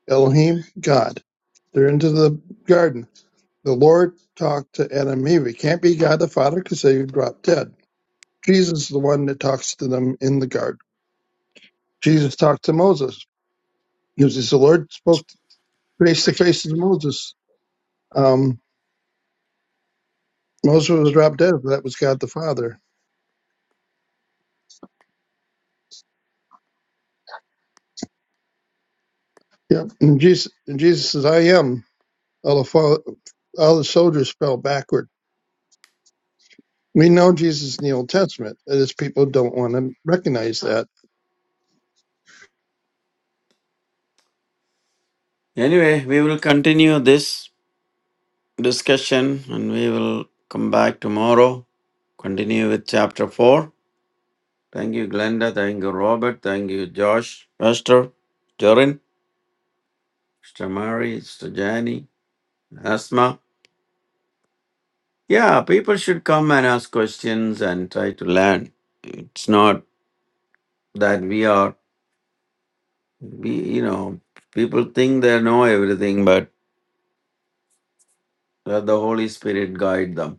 D: Elohim, God. They're into the garden. The Lord talked to Adam and Eve. It can't be God the Father because they dropped dead. Jesus is the one that talks to them in the garden. Jesus talked to Moses. He was the Lord spoke face to face to Moses. Um, Most of them dropped dead, but that was God the Father. Yep. And Jesus, and Jesus says, I am. All the, fall, all the soldiers fell backward. We know Jesus in the Old Testament. It is people don't want to recognize that.
C: Anyway, we will continue this. discussion and we will come back tomorrow. Continue with chapter 4. Thank you, Glenda. Thank you, Robert. Thank you, Josh, Pastor, Jorin, Sister Mary, Sister Jani, Asma. Yeah, people should come and ask questions and try to learn. It's not that we are, we, you know, people think they know everything, but let the Holy Spirit guide them.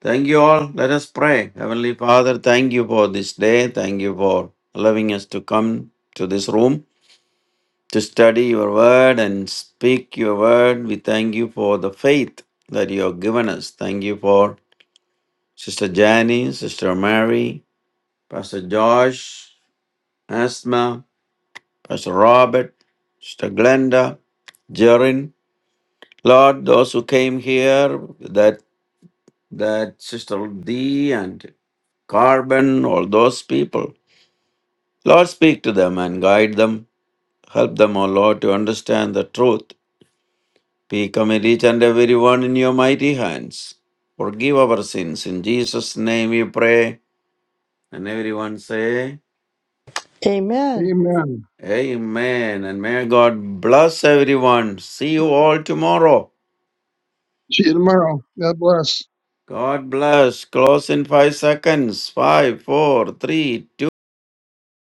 C: Thank you all. Let us pray. Heavenly Father, thank you for this day. Thank you for allowing us to come to this room to study your word and speak your word. We thank you for the faith that you have given us. Thank you for Sister Janie, Sister Mary, Pastor Josh, Asma, Pastor Robert, Sister Glenda, Jerin. Lord, those who came here, that that Sister Dee and Carbon, all those people. Lord, speak to them and guide them. Help them, O Lord, to understand the truth. We commit each and every one in your mighty hands. Forgive our sins. In Jesus' name we pray. And everyone say,
G: Amen.
D: Amen.
C: Amen. And may God bless everyone. See you all tomorrow.
D: See you tomorrow. God bless.
C: God bless. Close in five seconds. Five, four, three, two.